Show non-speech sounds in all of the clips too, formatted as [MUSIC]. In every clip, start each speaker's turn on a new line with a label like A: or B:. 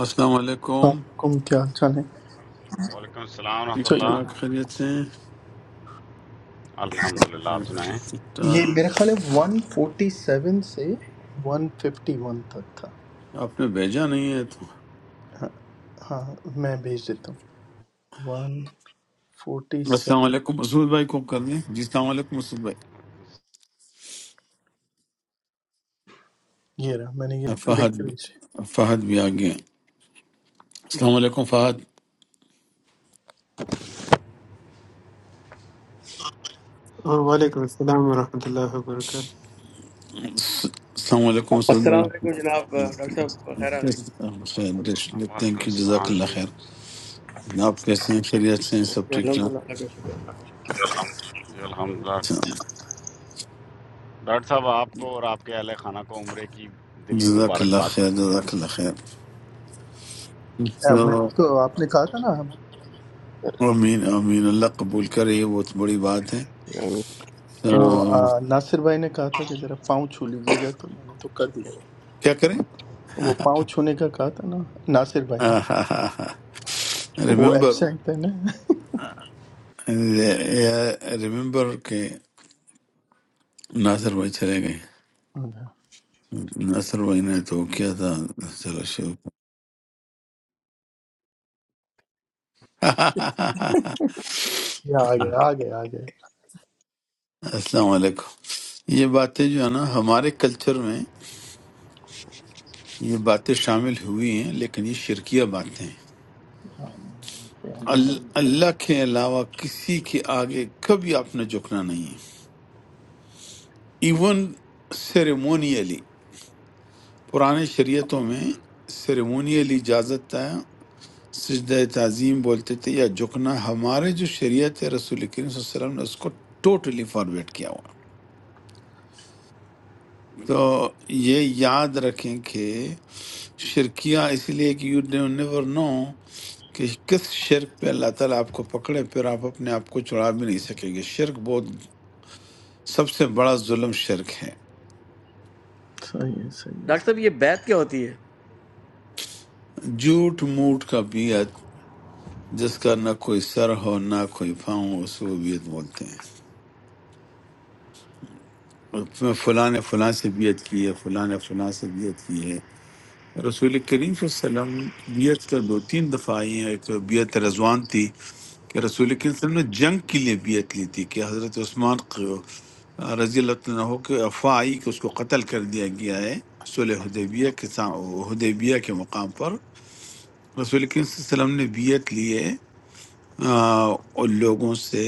A: السلام علیکم
B: السلام علیکم کیا حال چال ہے
C: وعلیکم السلام ورحمۃ
A: ٹھیک
B: سو
A: ٹھاک
C: اللہ
A: خیریت سے ہیں؟
C: الحمد للہ آپ سنائیں
A: ٹھیک ٹھاک
B: یہ میرا خیال ہے ون فورٹی سیون سے ون ففٹی ون تک تھا
A: آپ نے بھیجا نہیں ہے تو
B: ہاں میں بھیج دیتا ہوں ون فورٹی
A: السلام
B: سیون
A: علیکم مسعود بھائی کو کر لیں جی السلام علیکم مسعود بھائی
B: یہ رہا میں نے یہ لکھ
A: فہد
B: کے بھیجا ہے۔
A: بھی فہد بھی آ گئے ہیں۔ السلام علیکم فہد
D: Assalamualaikum, salaam alaikum.
A: السلام علیکم مسعود بھائی
E: السلام علیکم جناب ڈاکٹر صاحب خیر آگلی جی
A: خیر
C: وعلیکم
A: تھینک یو جزاک
C: السلام
A: اللہ
C: جی
A: خیر آپ کیسے ہیں خیریت سے ہیں سب ٹھیک
E: الحمد
A: ٹھاک
E: للہ اللہ کا شکر اللہ کا شکر
C: جی الحمد للہ
A: اچھا،
C: ڈاکٹر صاحب آپ کو اور آپ کے اہل خانہ کو عمرے کی دلی
A: جزاک اللہ
C: مبارکباد
A: خیر
C: قبول ہو
A: جزاک اللہ خیر
B: ہاں، میں
A: تو
B: نے تو آپ نے کہا تھا نا ہم-
A: امین امین اللہ
C: جی
A: قبول کرے یہ بہت بڑی بات
E: آمین۔
B: وہ
A: ہے
B: آ، ناصر بھائی نے کہا تھا کہ ذرا پاؤں چھو لیجیے گا تو میں نے تو کر دیا
A: کیا کریں
B: وہ پاؤں چھونے کا کہا تھا نا ناصر بھائی نے وہ
A: ریمبر
B: ایبسینٹ تھے نا
A: ریمبر کہ ناصر بھائی چلے گئے
B: ہاں،
A: ناصر بھائی نے تو کیا تھا چلو شروع کریں۔
B: یہ آ گئے آ گئے آ گئے
A: السلام علیکم یہ باتیں جو ہے نا ہمارے کلچر میں یہ باتیں شامل ہوئی ہیں لیکن یہ شرکیہ باتیں ہیں
B: ہاں، ہم تو بات
A: ال-
B: کریں
A: اللہ کے علاوہ کسی کے آگے کبھی آپ نے جھکنا نہیں ہے ایون سیریمونیلی پرانے شریعتوں میں
C: ہم،
A: سیریمونیلی اجازت ہے سجدہ تعظیم بولتے تھے یا جھکنا ہمارے جو شریعت ہے رسول کریم صلی اللہ علیہ وسلم نے اس کو ٹوٹلی فارورٹ کیا ہوا
C: بالکل
A: تو یہ یاد رکھیں کہ شرکیہ اس لیے کہ یو نیور نو کہ کس شرک پہ اللہ تعالیٰ آپ کو پکڑے پھر آپ اپنے آپ کو چھڑا بھی نہیں سکیں گے شرک بہت سب سے بڑا ظلم شرک ہے
B: صحیح ہے صحیح ہے
E: ڈاکٹر صاحب
B: صحیح
E: یہ بیت کیا ہوتی ہے
A: جھوٹ موٹ کا بیعت جس کا نہ کوئی سر ہو نہ کوئی پاؤں اس کو بیعت بولتے ہیں میں فلاں نے فلاں سے بیعت کی ہے فلاں نے فلاں سے بیعت کی ہے رسول کریم صلی اللہ علیہ وسلم بیعت کا دو تین دفعہ آئی ہیں ایک بیعت رضوان تھی کہ رسول کریم صلی اللہ علیہ وسلم نے جنگ کے لیے بیعت لی تھی کہ حضرت عثمان ق- رضی اللہ تعالیٰ عنہ کے افواہ آئی کہ اس کو قتل کر دیا گیا ہے صلح حدیبیہ کے سا- حدیبیہ کے مقام پر رسول کریم صلی اللہ علیہ وسلم نے بیعت لی ہے آ، اور لوگوں سے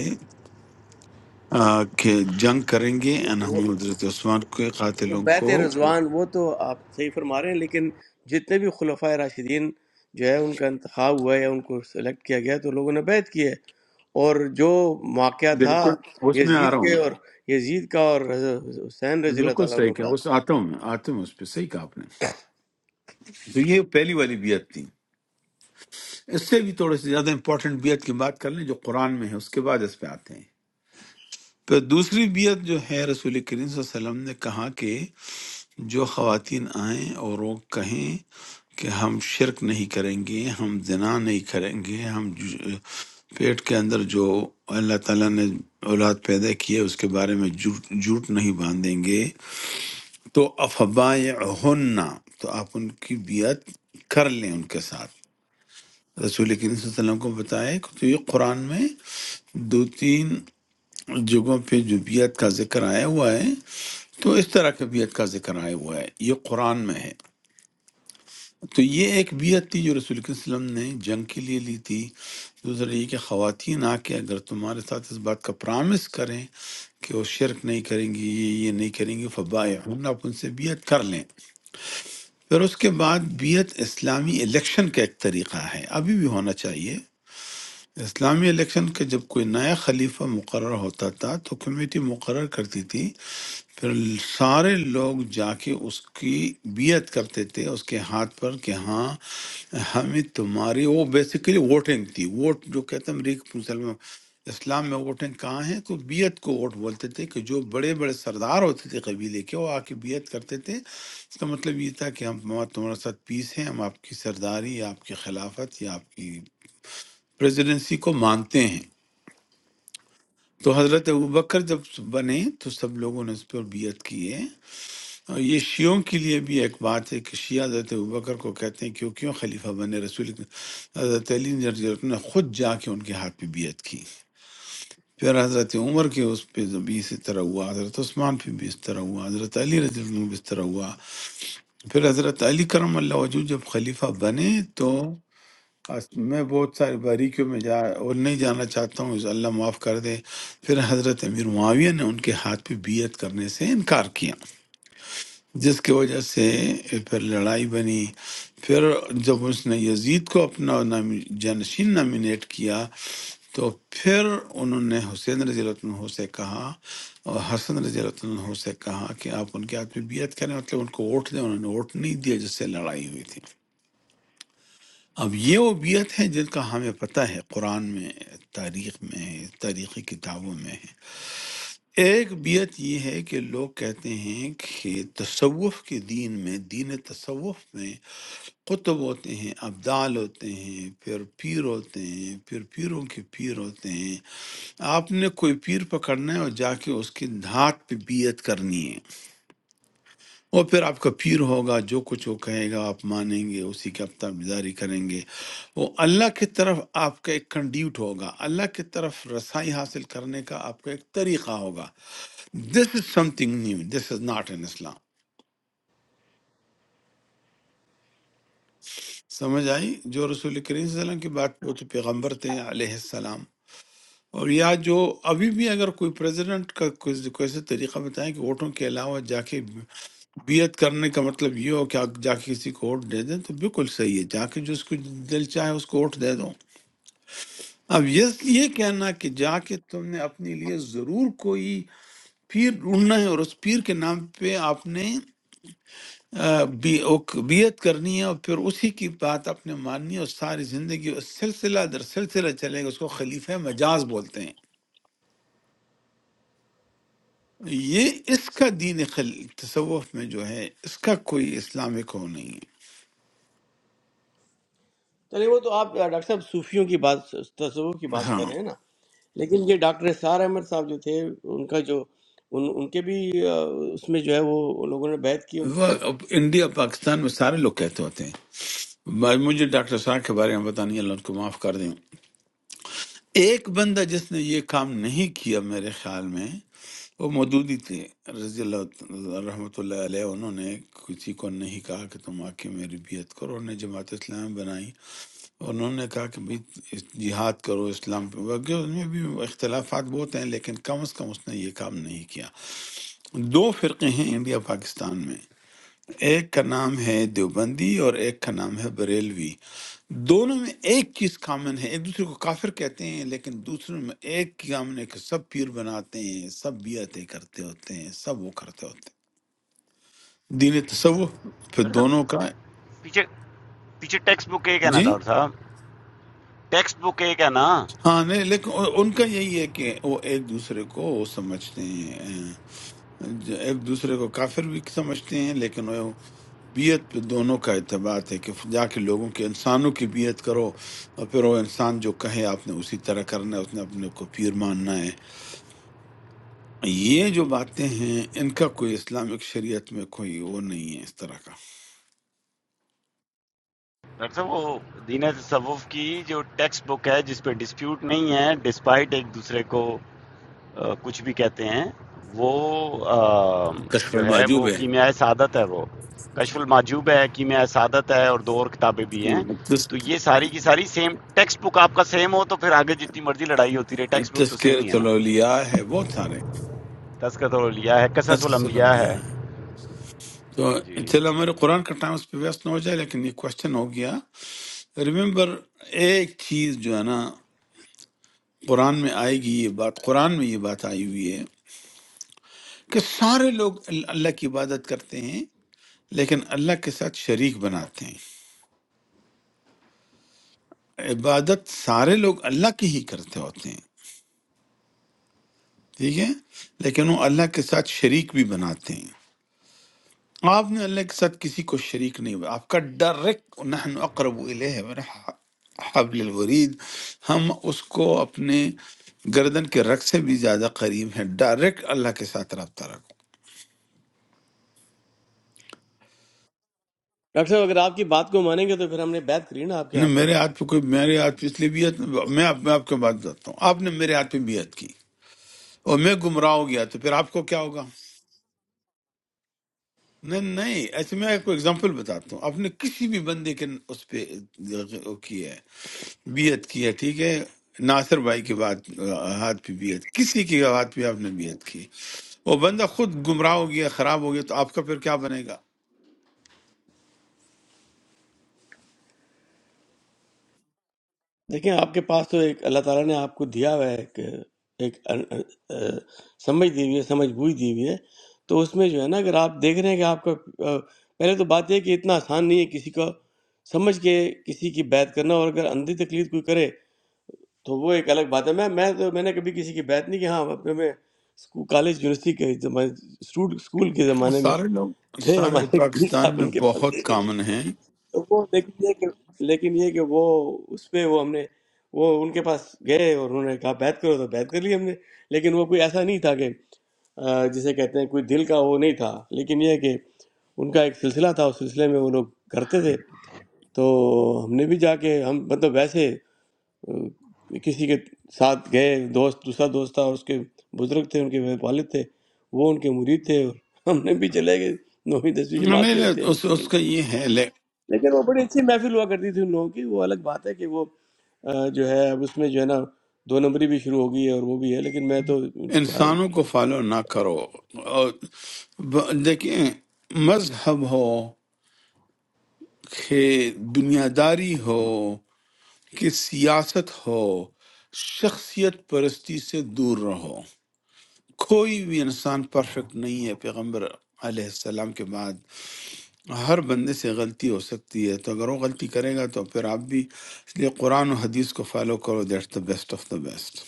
A: آ، کہ جنگ کریں گے اور
E: وہ
A: ہم حضرت عثمان کے
E: وہ
A: قاتلوں
E: بیت
A: کو
E: رضوان وہ تو آپ صحیح فرما رہے ہیں لیکن جتنے بھی خلفۂ راشدین جو ہے ان کا انتخاب ہوا ہے ان کو سلیکٹ کیا گیا ہے، تو لوگوں نے بیت کی ہے اور جو واقعہ تھا
A: بالکل اس میں آ
E: یزید
A: رہا ہوں
E: کے اور یزید کا اور حضرت حسین
A: میں
E: رضی اللہ
A: بالکل
E: تعالیٰ
A: صحیح
E: عنہ
A: کہا
E: کا
A: اس آتا ہوں میں آتا ہوں اس پہ صحیح کہا آپ نے تو یہ پہلی والی بیعت تھی اس سے بھی تھوڑے سے زیادہ امپورٹنٹ بیعت کی بات کر لیں جو قرآن میں ہے اس کے بعد اس پہ آتے ہیں پھر دوسری بیعت جو ہے رسول کریم صلی اللہ علیہ وسلم نے کہا کہ جو خواتین آئیں اور وہ کہیں کہ ہم شرک نہیں کریں گے ہم زنا نہیں کریں گے ہم ج- پیٹ کے اندر جو اللہ تعالیٰ نے اولاد پیدا کی ہے اس کے بارے میں جھوٹ جھوٹ نہیں باندھیں گے تو افبائے تو آپ ان کی بیعت کر لیں ان کے ساتھ رسول کریم صلی اللہ علیہ وسلم کو بتایا کہ تو یہ قرآن میں دو تین جگہوں پہ جو بیعت کا ذکر آیا ہوا ہے تو اس طرح کے بیعت کا ذکر آیا ہوا ہے یہ قرآن میں ہے تو یہ ایک بیعت تھی جو رسول کریم صلی اللہ علیہ وسلم نے جنگ کے لیے لی تھی دوسرا یہ کہ خواتین آ کے اگر تمہارے ساتھ اس بات کا پرامس کریں کہ وہ شرک نہیں کریں گی یہ یہ نہیں کریں گی فبائے آپ ان سے بیعت کر لیں پھر اس کے بعد بیعت اسلامی الیکشن کا ایک طریقہ ہے ابھی بھی ہونا چاہیے اسلامی الیکشن کا جب کوئی نیا خلیفہ مقرر ہوتا تھا تو کمیٹی مقرر کرتی تھی پھر سارے لوگ جا کے اس کی بیعت کرتے تھے اس کے ہاتھ پر کہ ہاں ہمیں تمہاری وہ بیسیکلی ووٹنگ تھی ووٹ جو کہتے ہیں امریک مسلم اسلام میں ووٹنگ کہاں ہے تو بیعت کو ووٹ بولتے تھے کہ جو بڑے بڑے سردار ہوتے تھے قبیلے کے وہ آ کے بیعت کرتے تھے اس کا مطلب یہ تھا کہ ہم ہمارا تمہارے ساتھ پیس ہے ہم آپ کی سرداری یا آپ کی خلافت یا آپ کی پریزیڈنسی کو مانتے ہیں تو حضرت ابوبکر جب بنے تو سب لوگوں نے اس پر بیعت کی ہے اور یہ شیعوں کے لیے بھی ایک بات ہے کہ شیعہ حضرت ابوبکر کو کہتے ہیں کیوں کیوں خلیفہ بنے رسول کے- حضرت علی رضی اللہ عنہ نے خود جا کے ان کے ہاتھ پہ بیعت کی پھر حضرت عمر کے اس پہ بھی اسی طرح ہوا حضرت عثمان پہ بھی اس طرح ہوا حضرت علی رضی اللہ عنہ بھی اس طرح ہوا پھر حضرت علی کرم اللہ وجہ جب خلیفہ بنے تو اس- میں بہت ساری باریکیوں میں جا اور نہیں جانا چاہتا ہوں اللہ معاف کر دے پھر حضرت امیر معاویہ نے ان کے ہاتھ پہ بیعت کرنے سے انکار کیا جس کی وجہ سے پھر لڑائی بنی پھر جب اس نے یزید کو اپنا نامی- جانشین نامینیٹ کیا تو پھر انہوں نے حسین رضی اللہ عنہ سے کہا اور حسن رضی اللہ عنہ سے کہا کہ آپ ان کے ہاتھ میں بیعت کریں مطلب ان کو ووٹ دیں انہوں نے ووٹ نہیں دیا جس سے لڑائی ہوئی تھی اب یہ وہ بیعت ہیں جن کا ہمیں پتہ ہے قرآن میں تاریخ میں ہے تاریخی کتابوں میں ہے ایک بیت یہ ہے کہ لوگ کہتے ہیں کہ تصوف کے دین میں دین تصوف میں قطب ہوتے ہیں ابدال ہوتے ہیں پھر پیر ہوتے ہیں پھر پیروں کے پیر ہوتے ہیں آپ نے کوئی پیر پکڑنا ہے اور جا کے اس کی دھات پہ بیعت کرنی ہے وہ پھر آپ کا پیر ہوگا جو کچھ وہ کہے گا آپ مانیں گے اسی کی آپ تابعداری کریں گے وہ اللہ کی طرف آپ کا ایک کنڈیوٹ ہوگا اللہ کی طرف رسائی حاصل کرنے کا آپ کا ایک طریقہ ہوگا this is something new this is not in Islam سمجھ آئی جو رسول کریم صلی اللہ علیہ وسلم کی بات وہ تو پیغمبر تھے علیہ السلام اور یا جو ابھی بھی اگر کوئی پریزیڈنٹ کا کوئی کوئی ایسا طریقہ بتائیں کہ ووٹوں کے علاوہ جا کے بیعت کرنے کا مطلب یہ ہو کہ آپ جا کے کسی کو ووٹ دے دیں تو بالکل صحیح ہے جا کے جو اس کو دل چاہے اس کو ووٹ دے دو اب یہ یہ کہنا کہ جا کے تم نے اپنے لیے ضرور کوئی پیر ڈھونڈنا ہے اور اس پیر کے نام پہ آپ نے آ، بی اوک- بیعت کرنی ہے اور پھر اسی کی بات آپ نے ماننی ہے اور ساری زندگی اس سلسلہ در سلسلہ چلے گا اس کو خلیفہ مجاز بولتے ہیں یہ اس کا دین خل... تصوف میں جو ہے اس کا کوئی اسلامک ہو نہیں ہے
E: چلے وہ تو آپ ڈاکٹر صاحب صوفیوں کی بات تصوف کی بات کر
A: ہاں
E: رہے ہیں نا لیکن یہ ڈاکٹر سار احمد صاحب جو تھے ان کا جو ان ان کے بھی آ، اس میں جو ہے وہ ان لوگوں نے بیعت کی ان کی
A: وہ اب انڈیا پاکستان میں سارے لوگ کہتے ہوتے ہیں بھائی مجھے ڈاکٹر صاحب کے بارے میں بتانی اللہ ان کو معاف کر دیں ایک بندہ جس نے یہ کام نہیں کیا میرے خیال میں وہ موجود ہی تھے رضی اللہ عنہ- رحمۃ اللہ علیہ انہوں نے کسی کو نہیں کہا کہ تم آ کے میری بیعت کرو انہوں نے جماعت اسلام بنائی انہوں نے کہا کہ بھئی اس- جہاد کرو اسلام پہ واقعی ان میں بھی اختلافات بہت ہیں لیکن کم از کم اس نے یہ کام نہیں کیا دو فرقے ہیں انڈیا پاکستان میں ایک کا نام ہے دیوبندی اور ایک کا نام ہے بریلوی دونوں میں ایک چیز کامن ہے ایک دوسرے کو کافر کہتے ہیں لیکن دوسروں میں ایک کامن ہے کہ سب پیر بناتے ہیں سب بیعتیں کرتے ہوتے ہیں سب وہ کرتے ہوتے ہیں دین تصوف پھر
C: ڈاکٹر
A: دونوں
C: صاحب
A: کا
C: پیچھے پیچھے ٹیکسٹ بک ایک ہے نا
A: جی
C: ڈاکٹر صاحب ٹیکسٹ بک ایک ہے نا
A: ہاں نہیں لیکن ان کا یہی ہے کہ وہ ایک دوسرے کو وہ سمجھتے ہیں جو ایک دوسرے کو کافر بھی سمجھتے ہیں لیکن وہ بیعت پہ دونوں کا اعتباط ہے کہ جا کے لوگوں کے انسانوں کی بیعت کرو اور پھر وہ انسان جو کہے آپ نے اسی طرح کرنا ہے اس نے اپنے کو پیر ماننا ہے یہ جو باتیں ہیں ان کا کوئی اسلامک شریعت میں کوئی وہ نہیں ہے اس طرح کا
C: ڈاکٹر صاحب وہ دین تصوف کی جو ٹیکسٹ بک ہے جس پہ ڈسپیوٹ نہیں ہے ڈسپائٹ ایک دوسرے کو کچھ بھی کہتے ہیں وہ
A: کشف
C: جو ہے
A: المعجوب
C: وہ
A: ہے
C: کیمیائے سعادت ہے وہ کشف الماجوب ہے کیمیائے سعادت ہے اور دو اور کتابیں بھی ہیں تو یہ ساری کی ساری سیم ٹیکسٹ بک آپ کا سیم ہو تو پھر آگے جتنی مرضی لڑائی ہوتی رہے ٹیکسٹ بک تو
A: تذکیر
C: سیم ہی ہے نا
A: الاولیاء ہے بہت سارے
C: تسکت لیا ہے قصص
A: ایسا سلم
C: الانبیاء
A: بھی
C: ہے
A: ہیں تو
C: جی
A: چلو ہمارے قرآن کا ٹائم اس پہ ویسٹ نہ ہو جائے لیکن یہ کوشچن ہو گیا ریمبر ایک چیز جو ہے نا قرآن میں آئے گی یہ بات قرآن میں یہ بات آئی ہوئی ہے کہ سارے لوگ ال- اللہ کی عبادت کرتے ہیں لیکن اللہ کے ساتھ شریک بناتے ہیں عبادت سارے لوگ اللہ کی ہی کرتے ہوتے ہیں ٹھیک ہے لیکن وہ اللہ کے ساتھ شریک بھی بناتے ہیں آپ نے اللہ کے ساتھ کسی کو شریک نہیں بنا آپ کا ڈائریکٹ نحن اقرب الیہ من حبل الورید ہم اس کو اپنے گردن کے رگ سے بھی زیادہ قریب ہیں ڈائریکٹ اللہ کے ساتھ رابطہ رکھو
E: ڈاکٹر صاحب اگر آپ کی بات کو مانیں گے تو پھر ہم نے بیعت کری نا آپ کے
A: نے
E: ہاتھ پہ
A: میرے ہاتھ پہ کوئی میرے ہاتھ پہ اس لیے بیعت میں آپ میں آپ کے بات کرتا ہوں آپ نے میرے ہاتھ پہ بیعت کی اور میں گمراہ ہو گیا تو پھر آپ کو کیا ہوگا نہیں نہیں ایسے میں آپ کو ایگزامپل بتاتا ہوں آپ نے کسی بھی بندے کے اس پہ کی ہے بیعت کیا ٹھیک ہے ناصر بھائی کی بات آ، ہاتھ پہ بیعت کسی کی ہاتھ پہ آپ نے بیعت کی وہ بندہ خود گمراہ ہو گیا خراب ہو گیا تو آپ کا پھر کیا بنے گا
E: دیکھیں آپ کے پاس تو ایک اللہ تعالیٰ نے آپ کو دیا ہوا ہے ایک ایک ان- آ، سمجھ دی ہوئی ہے سمجھ بوجھ دی ہوئی ہے تو اس میں جو ہے نا اگر آپ دیکھ رہے ہیں کہ آپ کا آ، پہلے تو بات یہ ہے کہ اتنا آسان نہیں ہے کسی کا سمجھ کے کسی کی بیعت کرنا اور اگر اندھی تکلیف کوئی کرے تو وہ ایک الگ بات ہے میں میں تو میں نے کبھی کسی کی بیعت نہیں کی ہاں اپنے میں اسکو- کالج یونیورسٹی کے زمانے اسٹوڈ اسکول کے زمانے میں
A: سارے لوگ
E: تھے
A: سارے
E: ہمارے پیر
A: پاکستان
E: صاحب
A: میں
E: ان کے پاس
A: بہت
E: گئے تھے۔
A: کامن ہیں
E: تو وہ لیکن یہ کہ لیکن یہ کہ وہ اس پہ وہ ہم نے وہ ان کے پاس گئے اور انہوں نے کہا بیعت کرو تو بیعت کر لی ہم نے لیکن وہ کوئی ایسا نہیں تھا کہ آ، جسے کہتے ہیں کوئی دل کا وہ نہیں تھا لیکن یہ ہے کہ ان کا ایک سلسلہ تھا اس سلسلے میں وہ لوگ کرتے تھے تو ہم نے بھی جا کے ہم مطلب ویسے اہ، کسی کے ساتھ گئے دوست دوسرا دوست تھا اور اس کے بزرگ تھے ان کے والد تھے وہ ان کے مرید تھے اور ہم نے بھی چلے گئے نویں دسویں جماعت
A: نہیں
E: کے
A: نہیں،
E: تھے ہم
A: اس, اس
E: اسٹوڈنٹ
A: کا یہ ہے لے
E: لیکن وہ بڑی اچھی محفل ہوا کرتی تھی ان لوگوں کی وہ الگ بات ہے کہ وہ آ، جو ہے اب اس میں جو ہے نا دو نمبری بھی شروع ہو گئی ہے اور وہ بھی ہے لیکن میں تو بہرحال
A: انسانوں کو فالو نہ کرو اور ب- دیکھیں مذہب ہو کہ دنیا داری ہو کہ سیاست ہو شخصیت پرستی سے دور رہو کوئی بھی انسان پرفیکٹ نہیں ہے پیغمبر علیہ السلام کے بعد ہر بندے سے غلطی ہو سکتی ہے تو اگر وہ غلطی کرے گا تو پھر آپ بھی اس لیے قرآن و حدیث کو فالو کرو that's the best of the best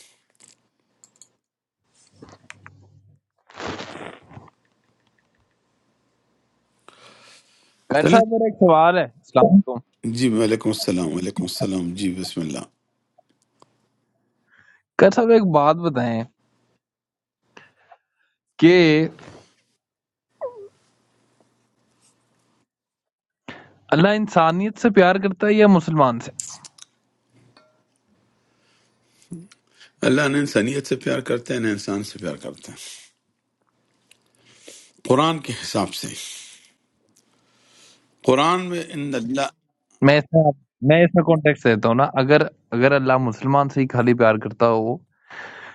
F: قیر
A: چلیں
F: صاحب میرا ایک سوال ہے السلام علیکم
A: جی وعلیکم السلام وعلیکم السلام جی بسم اللہ
F: قیر صاحب ایک بات بتائیں کہ اللہ انسانیت سے پیار کرتا ہے یا مسلمان سے
A: اللہ نے انسانیت سے پیار کرتے ہیں نہ انسان سے پیار کرتے ہیں قرآن کے حساب سے قرآن میں ان اللہ
F: میں اس میں میں اس میں کانٹیکس دیتا ہوں نا اگر اگر اللہ مسلمان سے ہی خالی پیار کرتا ہو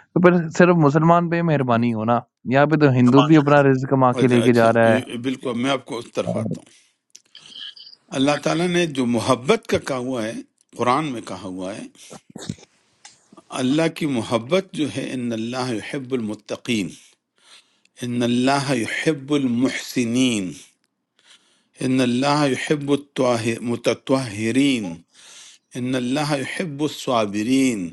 F: تو پھر صرف مسلمان پہ ہی مہربانی ہو نا یہاں پہ تو ہندو بھی اپنا رزق کما کے لے کے
A: اچھا
F: جا رہا
A: یہ- بالکل میں آپ کو اس طرف
F: ہے
A: آتا ہوں اللہ تعالیٰ نے جو محبت کا کہا ہوا ہے قرآن میں کہا ہوا ہے اللہ کی محبت جو ہے ان اللہ یحب المتقین ان اللہ یحب المحسنین ان اللہ یحب المتطہرین ان اللہ یحب الصابرین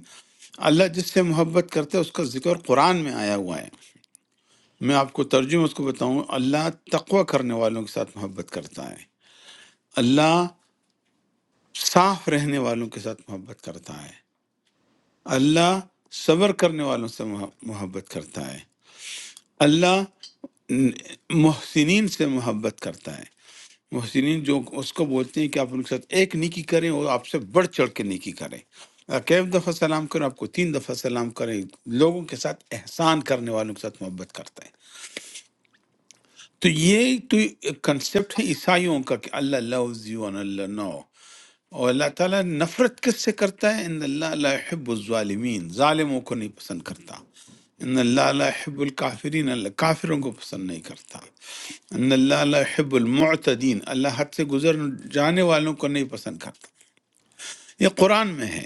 A: اللہ جس سے محبت کرتا ہے اس کا ذکر قرآن میں آیا ہوا ہے میں آپ کو ترجمہ اس کو بتاؤں اللہ تقوی کرنے والوں کے ساتھ محبت کرتا ہے اللہ صاف رہنے والوں کے ساتھ محبت کرتا ہے اللہ صبر کرنے والوں سے محبت کرتا ہے اللہ محسنین سے محبت کرتا ہے محسنین جو اس کو بولتے ہیں کہ آپ ان کے ساتھ ایک نیکی کریں اور آپ سے بڑھ چڑھ کے نیکی کریں آپ ایک دفعہ سلام کریں آپ کو تین دفعہ سلام کریں لوگوں کے ساتھ احسان کرنے والوں کے ساتھ محبت کرتا ہے تو یہ تو کنسپٹ ہے عیسائیوں کا کہ اللہ loves you and اللہ نو اور اللہ تعالیٰ نفرت کس سے کرتا ہے ان اللہ لا یحب الظالمین ظالموں کو نہیں پسند کرتا ان اللہ لا یحب الکافرین اللہ کافروں کو پسند نہیں کرتا ان اللہ لا یحب المعتدین اللہ حد سے گزر جانے والوں کو نہیں پسند کرتا یہ قرآن میں ہے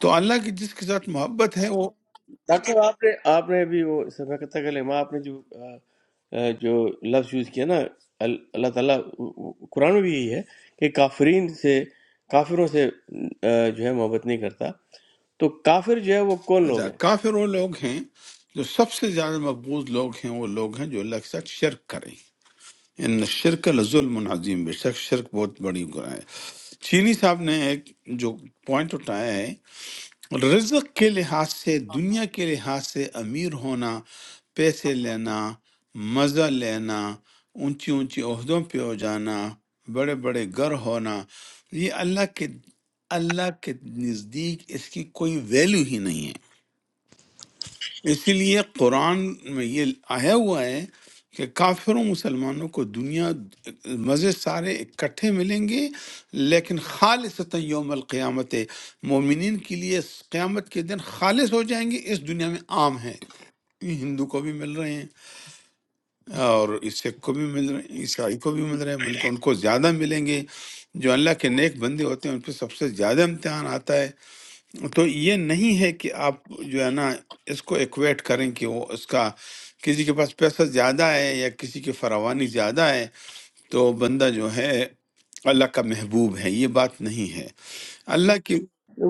A: تو اللہ کی جس کے ساتھ محبت ہے وہ
E: ڈاکٹر صاحب، آپ نے آپ نے ابھی وہ سبقت کلمہ آپ نے جو آ، آ، جو لفظ یوز کیا نا ال- اللہ تعالیٰ قرآن میں بھی یہی ہے کہ کافرین سے کافروں سے آ، جو ہے محبت نہیں کرتا تو کافر جو ہے وہ کون لوگ
A: اچھا
E: ہیں
A: کافر وہ لوگ ہیں جو سب سے زیادہ مقبوض لوگ ہیں وہ لوگ ہیں جو اللہ کے ساتھ شرک کریں ان شرک لظلم عظیم بے شک شرک بہت بڑی گناہ ہے چینی صاحب نے ایک جو پوائنٹ اٹھایا ہے رزق کے لحاظ سے دنیا کے لحاظ سے امیر ہونا پیسے لینا مزہ لینا اونچی اونچی عہدوں پہ ہو جانا بڑے بڑے گھر ہونا یہ اللہ کے اللہ کے نزدیک اس کی کوئی ویلیو ہی نہیں ہے اسی لیے قرآن میں یہ آیا ہوا ہے کہ کافروں مسلمانوں کو دنیا مزے سارے اکٹھے ملیں گے لیکن خالصتا یوم القیامت مومنین کے لیے اس قیامت کے دن خالص ہو جائیں گے اس دنیا میں عام ہے یہ ہندو کو بھی مل رہے ہیں اور سکھ کو بھی مل رہے ہیں عیسائی کو بھی مل رہے ہیں بلکہ ان کو زیادہ ملیں گے جو اللہ کے نیک بندے ہوتے ہیں ان پہ سب سے زیادہ امتحان آتا ہے تو یہ نہیں ہے کہ آپ جو ہے نا اس کو ایکویٹ کریں کہ وہ اس کا کسی کے پاس پیسہ زیادہ ہے یا کسی کی فراوانی زیادہ ہے تو بندہ جو ہے اللہ کا محبوب ہے یہ بات نہیں ہے اللہ کی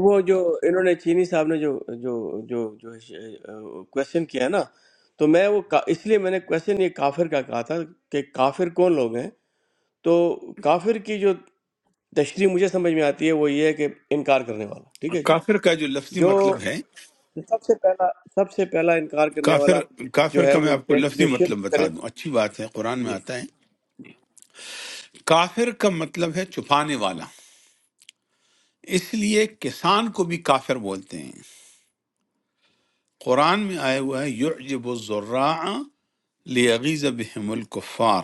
E: وہ جو انہوں نے چینی صاحب نے جو جو جو جو کوشچن کیا ہے نا تو میں وہ کا- اس لیے میں نے کوشچن یہ کافر کا کہا تھا کہ کافر کون لوگ ہیں تو کافر کی جو تشریح مجھے سمجھ میں آتی ہے وہ یہ ہے کہ انکار کرنے والا ٹھیک ہے جی
A: کافر کا جو لفظی
E: جو
A: مطلب ہے
E: سب سے پہلا سب سے پہلا انکار کرنے والا
A: کافر
E: جو
A: کافر
E: ہے
A: کا میں
E: وہ
A: آپ کو
E: یہ ہے کہ
A: لفظی
E: جو
A: مطلب
E: شرک
A: بتا
E: کرے
A: دوں اچھی بات ہے قرآن میں
E: جی
A: آتا ہے کافر کا مطلب ہے چھپانے والا اس لیے کسان کو بھی کافر بولتے ہیں قرآن میں آیا ہوا ہے یعجب الزراع لیغیز بہم الکفار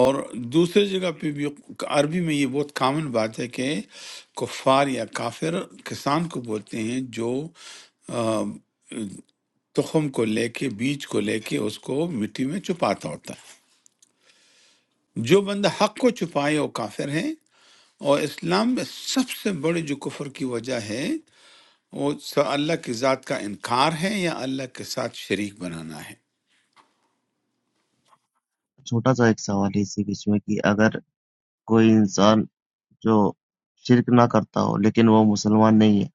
A: اور دوسری جگہ پہ بھی عربی میں یہ بہت کامن بات ہے کہ کفار یا کافر کسان کو بولتے ہیں جو تخم کو لے کے بیج کو لے کے اس کو مٹی میں چھپاتا ہوتا ہے جو بندہ حق کو چھپائے وہ کافر ہے اور اسلام میں سب سے بڑی جو کفر کی وجہ ہے وہ اللہ کی ذات کا انکار ہے یا اللہ کے ساتھ شریک بنانا ہے
G: छोटा-सा एक सवाल है इसी बीच में कि अगर कोई इंसान जो शिर्क ना करता हो, लेकिन वो मुसलमान नहीं है,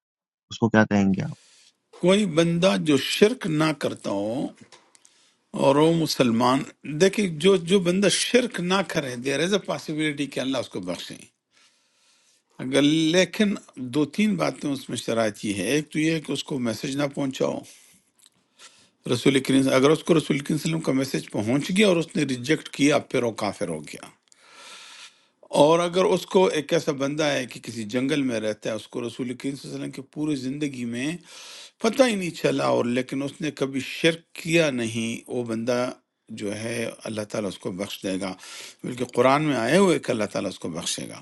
G: उसको क्या कहेंगे आप?
A: کوئی بندہ جو شرک نہ کرتا ہو اور وہ مسلمان دیکھیں جو جو بندہ شرک نہ کرے دیر از اے پاسبلٹی کہ اللہ اس کو بخشے اگر لیکن دو تین باتیں اس میں شرائط یہ ہے ایک تو یہ ہے کہ اس کو میسج نہ پہنچاؤ رسول کریم اگر اس کو رسول کریم صلی اللہ علیہ وسلم کا میسج پہنچ گیا اور اس نے ریجیکٹ کیا پھر وہ کافر ہو گیا اور اگر اس کو ایک ایسا بندہ ہے کہ کسی جنگل میں رہتا ہے اس کو رسول کریم صلی اللہ علیہ وسلم کی پوری زندگی میں پتہ ہی نہیں چلا اور لیکن اس نے کبھی شرک کیا نہیں وہ بندہ جو ہے اللہ تعالیٰ اس کو بخش دے گا بلکہ قرآن میں آئے ہوئے کہ اللہ تعالیٰ اس کو بخشے گا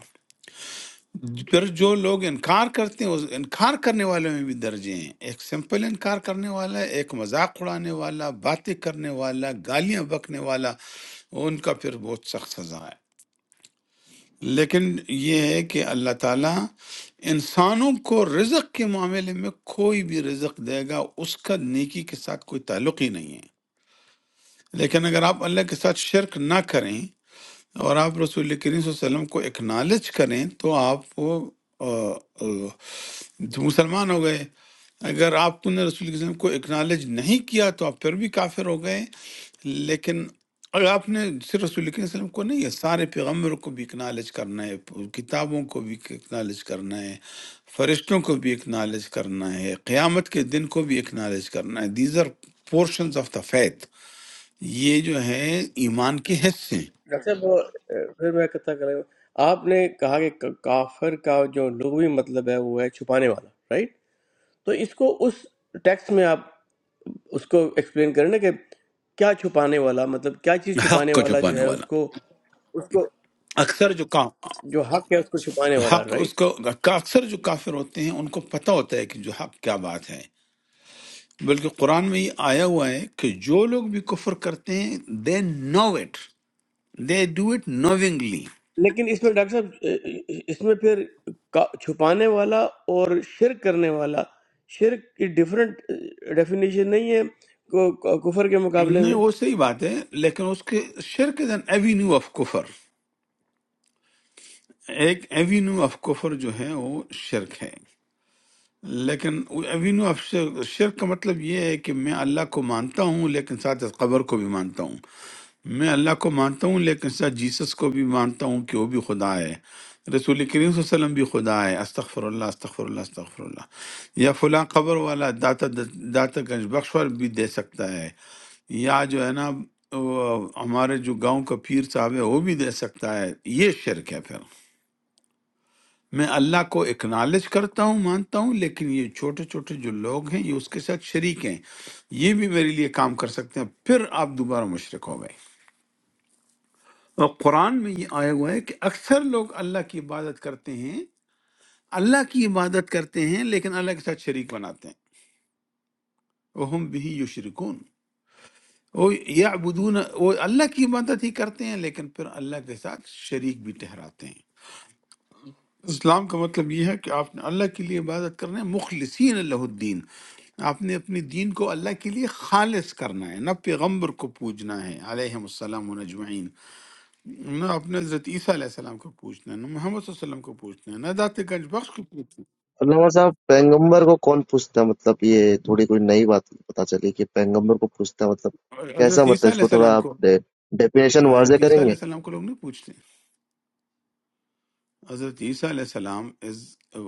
A: پھر جو لوگ انکار کرتے ہیں اس انکار کرنے والوں میں بھی درجے ہیں ایک سمپل انکار کرنے والا ایک مذاق اڑانے والا باتیں کرنے والا گالیاں بکنے والا ان کا پھر بہت سخت سزا ہے لیکن یہ ہے کہ اللہ تعالیٰ انسانوں کو رزق کے معاملے میں کوئی بھی رزق دے گا اس کا نیکی کے ساتھ کوئی تعلق ہی نہیں ہے لیکن اگر آپ اللہ کے ساتھ شرک نہ کریں اور آپ رسول کریم صلی اللہ علیہ وسلم کو اکنالج کریں تو آپ وہ آ، آ، مسلمان ہو گئے اگر آپ نے رسول کریم صلی اللہ علیہ وسلم کو اکنالج نہیں کیا تو آپ پھر بھی کافر ہو گئے لیکن اگر آپ نے صرف رسول کریم صلی اللہ علیہ وسلم کو نہیں ہے سارے پیغمبروں کو بھی اکنالج کرنا ہے کتابوں کو بھی اکنالج کرنا ہے فرشتوں کو بھی اکنالج کرنا ہے قیامت کے دن کو بھی اکنالج کرنا ہے these are portions of the faith یہ جو ہے ایمان کے حصے ہیں
E: ڈاکٹر صاحب وہ اے، پھر میں کتھا کریں آپ نے کہا کہ کا- کافر کا جو لغوی مطلب ہے وہ ہے چھپانے والا رائٹ تو اس کو اس ٹیکس میں آپ اس کو ایکسپلین کریں نا کہ کیا چھپانے والا مطلب کیا چیز
A: حق
E: چھپانے
A: کو
E: والا جو
A: چھپانے
E: ہے اس
A: والا
E: کو اس کو
A: اکثر جو کا
E: جو حق ہے اس کو چھپانے والا
A: حق اس
E: رائٹ
A: کو کا اکثر جو کافر ہوتے ہیں ان کو پتہ ہوتا ہے کہ جو حق کیا بات ہے بلکہ قرآن میں یہ آیا ہوا ہے کہ جو لوگ بھی کفر کرتے ہیں they know it they do it knowingly
E: لیکن اس میں ڈاکٹر صاحب اس میں پھر کا- چھپانے والا اور شرک کرنے والا شرک کی ڈیفرنٹ ڈیفینیشن نہیں ہے کو- کو- کفر کے مقابلے
A: نہیں
E: میں
A: وہ صحیح بات ہے لیکن اس کے شرک از این ایوینیو آف کفر ایک ایوینیو آف کفر جو ہے وہ شرک ہے لیکن ایوینیو آف شرک شرک کا مطلب یہ ہے کہ میں اللہ کو مانتا ہوں لیکن ساتھ اس قبر کو بھی مانتا ہوں میں اللہ کو مانتا ہوں لیکن ساتھ جیسس کو بھی مانتا ہوں کہ وہ بھی خدا ہے رسول کریم صلی اللہ علیہ وسلم بھی خدا ہے استغفر اللہ استغفر اللہ استغفر اللہ یا فلاں قبر والا داتا داتا گنج بخشور بھی دے سکتا ہے یا جو ہے نا وہ ہمارے جو گاؤں کا پیر صاحب ہے وہ بھی دے سکتا ہے یہ شرک ہے پھر میں اللہ کو اکنالج کرتا ہوں مانتا ہوں لیکن یہ چھوٹے چھوٹے جو لوگ ہیں یہ اس کے ساتھ شریک ہیں یہ بھی میرے لیے کام کر سکتے ہیں پھر آپ دوبارہ مشرک ہو گئے اور قرآن میں یہ آیا ہوا ہے کہ اکثر لوگ اللہ کی عبادت کرتے ہیں اللہ کی عبادت کرتے ہیں لیکن اللہ کے ساتھ شریک بناتے ہیں وہ ہم بھی یشرکون وہ یعبدون وہ اللہ کی عبادت ہی کرتے ہیں لیکن پھر اللہ کے ساتھ شریک بھی ٹھہراتے ہیں اسلام کا مطلب یہ ہے کہ آپ نے اللہ کے لیے عبادت کرنا ہے مخلصین اللہ الدین آپ نے اپنے دین کو اللہ کے لیے خالص کرنا ہے نہ پیغمبر کو پوجنا ہے علیہم السلام و نجمعین نا اپنے حضرت عیسیٰ علیہ السلام کو پوچھنا ہے نا محمد صلی اللہ علیہ وسلم کو پوچھنا ہے نا ذات گنج بخش کو پوچھنا
G: अल्लामा साहब पैगंबर को कौन पूछता है मतलब ये थोड़ी कोई नई बात पता चली कि पैगंबर को पूछता है मतलब
A: ہے۔
G: कैसा
A: حضرت
G: मतलब
A: عیسیٰ علیہ
G: इसको थोड़ा
A: السلام
G: आप
A: کو
G: डे, डेफिनेशन वाजे
A: حضرت عیسیٰ علیہ
G: करेंगे
A: السلام کو لوگ نہیں پوچھتے حضرت عیسیٰ علیہ السلام از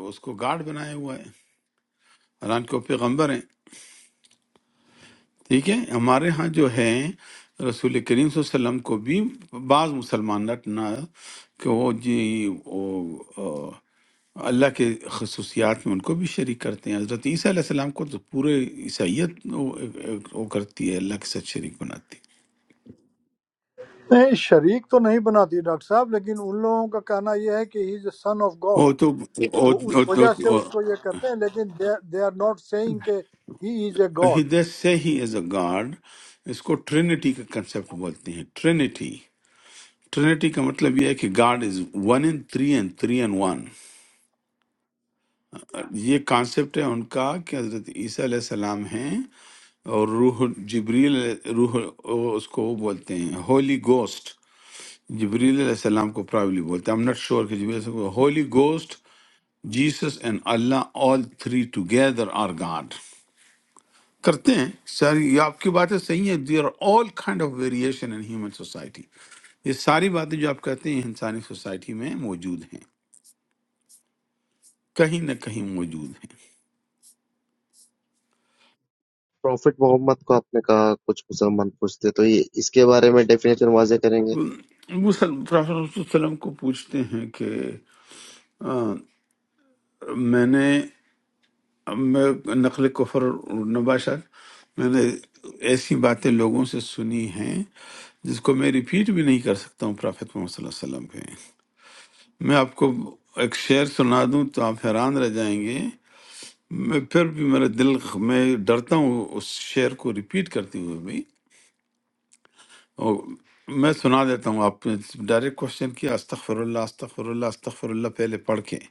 A: اس کو گارڈ بنایا ہوا ہے حالانکہ وہ پیغمبر ہیں ٹھیک ہے ہمارے ہاں جو ہے رسول کریم صلی اللہ علیہ وسلم کو بھی بعض مسلمان not- نہ کہ وہ جی وہ آ، اللہ کے خصوصیات میں ان کو بھی شریک کرتے ہیں حضرت عیسیٰ علیہ السلام کو تو پورے عیسائیت وہ وہ کرتی ہے اللہ کے ساتھ شریک بناتی ہے
H: नहीं शरीक तो नहीं बनाती डॉक्टर साहब लेकिन उन लोगों का कहना यह है कि he is son of God
A: وہ تو وہ-
H: तो उस
A: وہ-
H: वजह
A: وہ-
H: से
A: وہ-
H: उसको ये करते हैं लेकिन दे आर नॉट सेइंग कि he is a God
A: he- they say he is a god اس کو ٹرینٹی کا کنسپٹ بولتے ہیں ٹرینٹی ٹرینٹی کا مطلب یہ ہے کہ God is one and three and three and one یہ کانسیپٹ ہے ان کا کہ حضرت عیسیٰ علیہ السلام ہیں اور روح جبریل روح وہ اس کو وہ بولتے ہیں ہولی گوسٹ جبریل علیہ السلام کو پرابلی بولتے ہیں ایم ناٹ شیور کہ جبریل علیہ السلام کو holy ghost Jesus and Allah all three together are God کرتے ہیں سر یہ آپ کی باتیں صحیح ہیں there are all kind of variation in human society یہ ساری باتیں جو آپ کہتے ہیں انسانی سوسائٹی میں موجود ہیں کہیں نہ کہیں موجود ہیں
G: प्रॉफिट मोहम्मद को आपने कहा कुछ मुसलमान पूछते तो ये इसके बारे में डेफिनेशन वाजे करेंगे
A: موسیٰ پرافت صلی اللہ علیہ وسلم کو پوچھتے ہیں کہ میں نے میں نقل کفر نباشت میں نے ایسی باتیں لوگوں سے سنی ہیں جس کو میں ریپیٹ بھی نہیں کر سکتا ہوں پرافت محمد صلی اللہ علیہ وسلم پہ میں آپ کو ایک شعر سنا دوں تو آپ حیران رہ جائیں گے میں پھر بھی میرا دل میں ڈرتا ہوں اس شعر کو ریپیٹ کرتے ہوئے بھی اور میں سنا دیتا ہوں آپ نے ڈائریکٹ کوشچن کیا استغفر اللہ استغفر اللہ استغفر اللہ پہلے پڑھ کے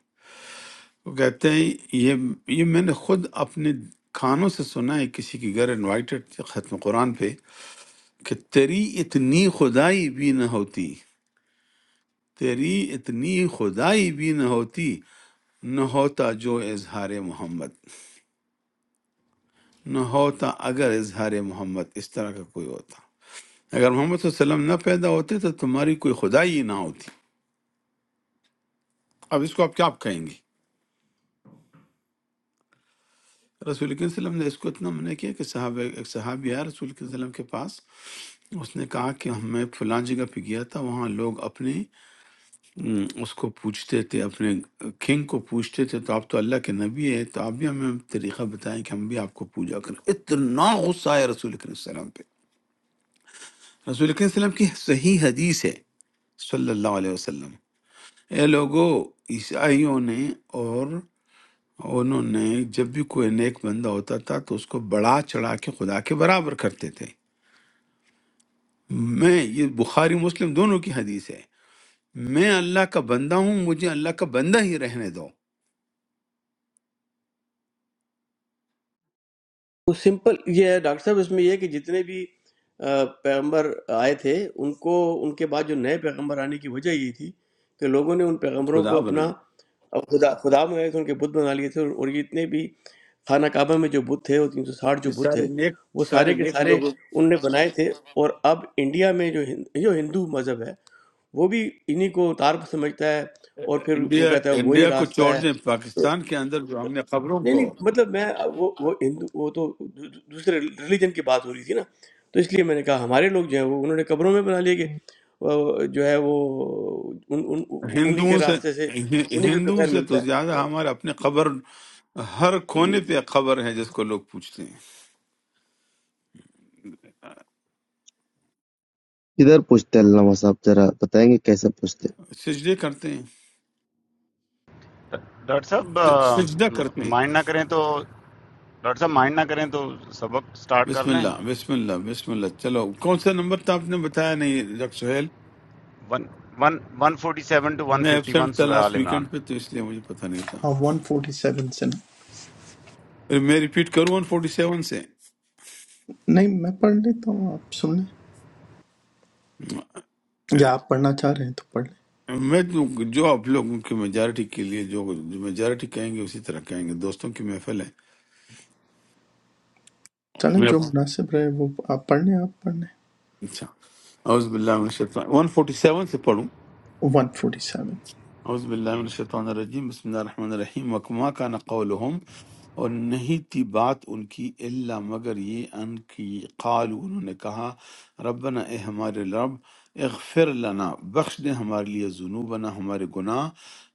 A: وہ کہتے ہیں یہ یہ میں نے خود اپنے کانوں سے سنا ہے کسی کے گھر انوائٹڈ تھے ختم قرآن پہ کہ تیری اتنی خدائی بھی نہ ہوتی تیری اتنی خدائی بھی نہ ہوتی نہ ہوتا جو اظہار محمد نہ ہوتا اگر اظہار محمد اس طرح کا کوئی ہوتا اگر محمد صلی اللہ علیہ وسلم نہ پیدا ہوتے تو تمہاری کوئی خدائی ہی نہ ہوتی اب اس کو آپ کیا کہیں گے رسول کریم صلی اللہ علیہ وسلم نے اس کو اتنا منع کیا کہ صحابہ ایک صحابی آیا رسول کریم صلی اللہ علیہ وسلم کے پاس اس نے کہا کہ میں فلاں جگہ پہ گیا تھا وہاں لوگ اپنے ام، اس کو پوچھتے تھے اپنے کنگ کو پوچھتے تھے تو آپ تو اللہ کے نبی ہیں تو آپ بھی ہمیں طریقہ بتائیں کہ ہم بھی آپ کو پوجا کریں اتنا غصہ ہے رسول کریم صلی اللہ علیہ وسلم پہ رسول کریم صلی اللہ علیہ وسلم کی صحیح حدیث ہے صلی اللہ علیہ وسلم اے لوگوں عیسائیوں نے اور انہوں نے جب بھی کوئی نیک بندہ ہوتا تھا تو اس کو بڑا چڑھا کے خدا کے برابر کرتے تھے میں یہ بخاری مسلم دونوں کی حدیث ہے میں اللہ کا بندہ ہوں مجھے اللہ کا بندہ ہی رہنے دو
E: تو سمپل یہ ہے ڈاکٹر صاحب اس میں یہ ہے کہ جتنے بھی آ، پیغمبر آئے تھے ان کو ان کے بعد جو نئے پیغمبر آنے کی وجہ یہ تھی کہ لوگوں نے ان پیغمبروں
A: خدا
E: کو اپنا
A: بنائے
E: خدا خدا میں تھے ان کے بت بنا لیے تھے اور یہ جتنے بھی خانہ کعبہ میں جو بت تھے وہ تین سو ساٹھ جو
A: یہ
E: بت تھے
A: سارے نیک
E: وہ
A: سارے
E: سارے کے
A: نیک
E: سارے
A: لوگوں
E: ان نے بنائے تھے اور اب انڈیا میں جو ہند- جو ہندو مذہب ہے وہ بھی انہی کو تار سمجھتا ہے اور پھر وہ
A: انڈیا
E: کہتا ہے وہی
A: انڈیا کو
E: راستہ
A: چھوڑ دیں
E: ہے
A: پاکستان کے اندر جو ہم نے خبروں
E: نہیں
A: کو
E: نہیں مطلب میں وہ وہ ہندو وہ تو دو- دو- دوسرے ریلیجن کی بات ہو رہی تھی نا تو اس لیے میں نے کہا ہمارے لوگ جو ہیں وہ انہوں نے قبروں میں بنا لیے کہ وہ جو ہے وہ ان ان انہی کے
A: ہندوؤں سے
E: راستے سے انہی کو تو
A: ہندوؤں
E: خیر
A: سے تو
E: ملتا
A: زیادہ
E: ہے
A: ہمارے اپنے خبر ہر کونے
E: جی جی
A: پہ خبر ہے جس کو لوگ پوچھتے ہیں
G: किधर पूछते हैं अल्लामा साहब जरा बताएंगे कैसे पूछते हैं
A: سجدے کرتے ہیں
C: ڈاکٹر صاحب
A: س- سجدہ کرتے ہیں
C: مائنڈ نہ کریں تو ڈاکٹر صاحب مائنڈ نہ کریں تو سبق سٹارٹ کر
A: بسم
C: لیں
A: اللہ بسم اللہ بسم اللہ چلو کون سا نمبر تھا آپ نے بتایا نہیں doctor Sohail
C: one one one forty seven two one
A: میں
C: ففٹی ون
A: ایبسینٹ تھا
C: سورہ عال
A: لاسٹ
C: عمران
A: ویکینڈ پہ تو اس لیے مجھے پتہ نہیں
B: ہے۔
A: تھا
B: ہاں ون فورٹی سیون سے
A: میں ریپیٹ کروں 147 سے
B: نہیں میں پڑھ لیتا ہوں آپ سن لیں یا آپ پڑھنا چاہ رہے ہیں تو پڑھ لیں
A: میں جو جو آپ لوگوں کی میجارٹی کے لیے جو جو میجارٹی کہیں گے اسی طرح کہیں گے دوستوں کی محفل ہے
B: چلیں
A: میں
B: جو مناسب رہے وہ آپ پڑھ لیں آپ پڑھ لیں
A: اچھا اعوذ باللہ من الشیطان 147 سے پڑھوں
B: ون فورٹی سیون
A: اعوذ باللہ من
C: جی
A: الشیطان الرجیم بسم اللہ الرحمن الرحیم وکما کان قولہم اور نہیں تھی بات ان کی الا مگر یہ ان کی قالو انہوں نے کہا ربنا اے ہمارے رب اغفر لنا بخش دے ہمارے لیے ذنوبنا ہمارے گناہ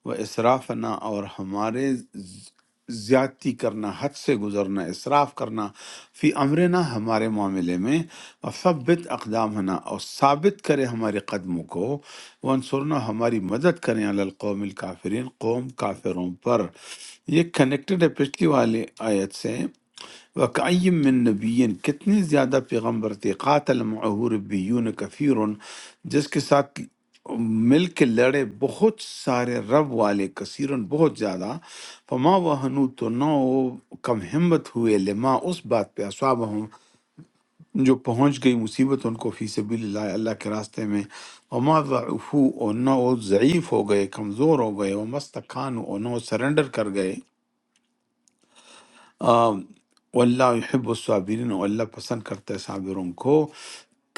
A: و اسرافنا اور ہمارے زیادتی کرنا حد سے گزرنا اسراف کرنا فی امرنا ہمارے معاملے میں ثبت اقدام ہونا اور ثابت کرے ہمارے قدموں کو ونصرنا ہماری مدد کریں علی القوم الکافرین قوم کافروں پر یہ کنیکٹڈ ہے پچھلی والی آیت سے وَكَأَيِّن من نبی کتنے زیادہ پیغمبر تھے قاتل معه ربیون کثیر جس کے ساتھ مل کے لڑے بہت سارے رب والے کثیرن بہت زیادہ فما وہنو تو نہ وہ کم ہمت ہوئے لما اس بات پہ اصاب ہوں جو پہنچ گئی مصیبت ان کو فی سبیل اللہ اللہ کے راستے میں وما ضعفو اور نہ وہ ضعیف ہو گئے کمزور ہو گئے وما استکانو اور نہ وہ سرنڈر کر گئے اللہ یحب الصابرین اور اللہ پسند کرتا ہے صابروں کو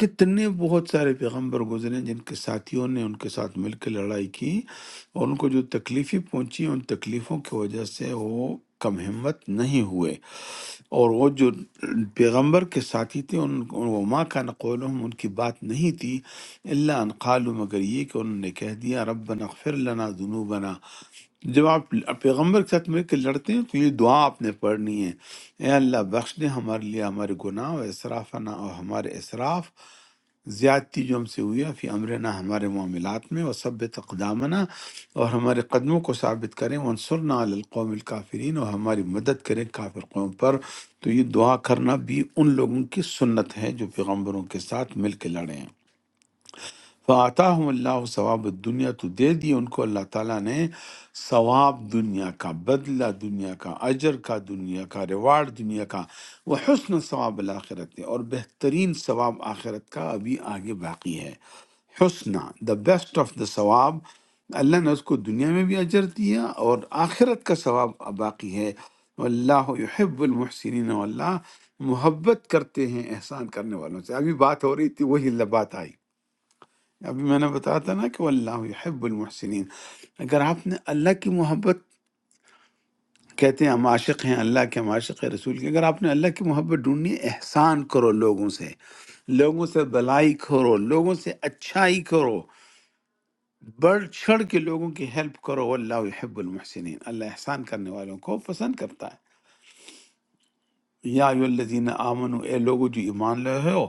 A: کتنے بہت سارے پیغمبر گزرے جن کے ساتھیوں نے ان کے ساتھ مل کے لڑائی کی اور ان کو جو تکلیفیں پہنچی ان تکلیفوں کی وجہ سے وہ کم ہمت نہیں ہوئے اور وہ جو پیغمبر کے ساتھی تھے ان وہ ماں کا نقولہم ان کی بات نہیں تھی اللہ ان قالوا مگر یہ کہ انہوں نے کہہ دیا ربنا اغفر لنا ذنوبنا جب آپ پیغمبر کے ساتھ مل کے لڑتے ہیں تو یہ دعا آپ نے پڑھنی ہے اے اللہ بخش دے ہمارے لیے ہمارے گناہ و اسرافنا اور ہمارے اسراف زیادتی جو ہم سے ہوئی ہے فی امرنا ہمارے معاملات میں وہ سب تقدامنا اور ہمارے قدموں کو ثابت کریں ونصرنا علی القوم الکافرین اور ہماری مدد کریں کافر قوم پر تو یہ دعا کرنا بھی ان لوگوں کی سنت ہے جو پیغمبروں کے ساتھ مل کے لڑیں فعطاہم اللہ ثواب دنیا تو دے دی ان کو اللہ تعالیٰ نے ثواب دنیا کا بدلہ دنیا کا اجر کا دنیا کا ریوارڈ دنیا کا وہ حسن ثواب الآخرت ہے اور بہترین ثواب آخرت کا ابھی آگے باقی ہے حسنہ دا بیسٹ آف دا ثواب اللہ نے اس کو دنیا میں بھی اجر دیا اور آخرت کا ثواب باقی ہے اللہ یحب المحسنین واللہ محبت کرتے ہیں احسان کرنے والوں سے ابھی بات ہو رہی تھی وہی اللہ بات آئی ابھی میں نے بتایا تھا نا کہ اللہ یحب المحسنین اگر آپ نے اللہ کی محبت کہتے ہیں ہم عاشق ہیں اللہ کے ہم عاشق ہیں رسول کے اگر آپ نے اللہ کی محبت ڈھونڈنی ہے، احسان کرو لوگوں سے لوگوں سے بلائی کرو لوگوں سے اچھائی کرو بڑھ چڑھ کے لوگوں کی ہیلپ کرو اللہ یحب المحسنین اللہ احسان کرنے والوں کو پسند کرتا ہے یا ایو الذین آمنو اے لوگو جو ایمان لائے ہو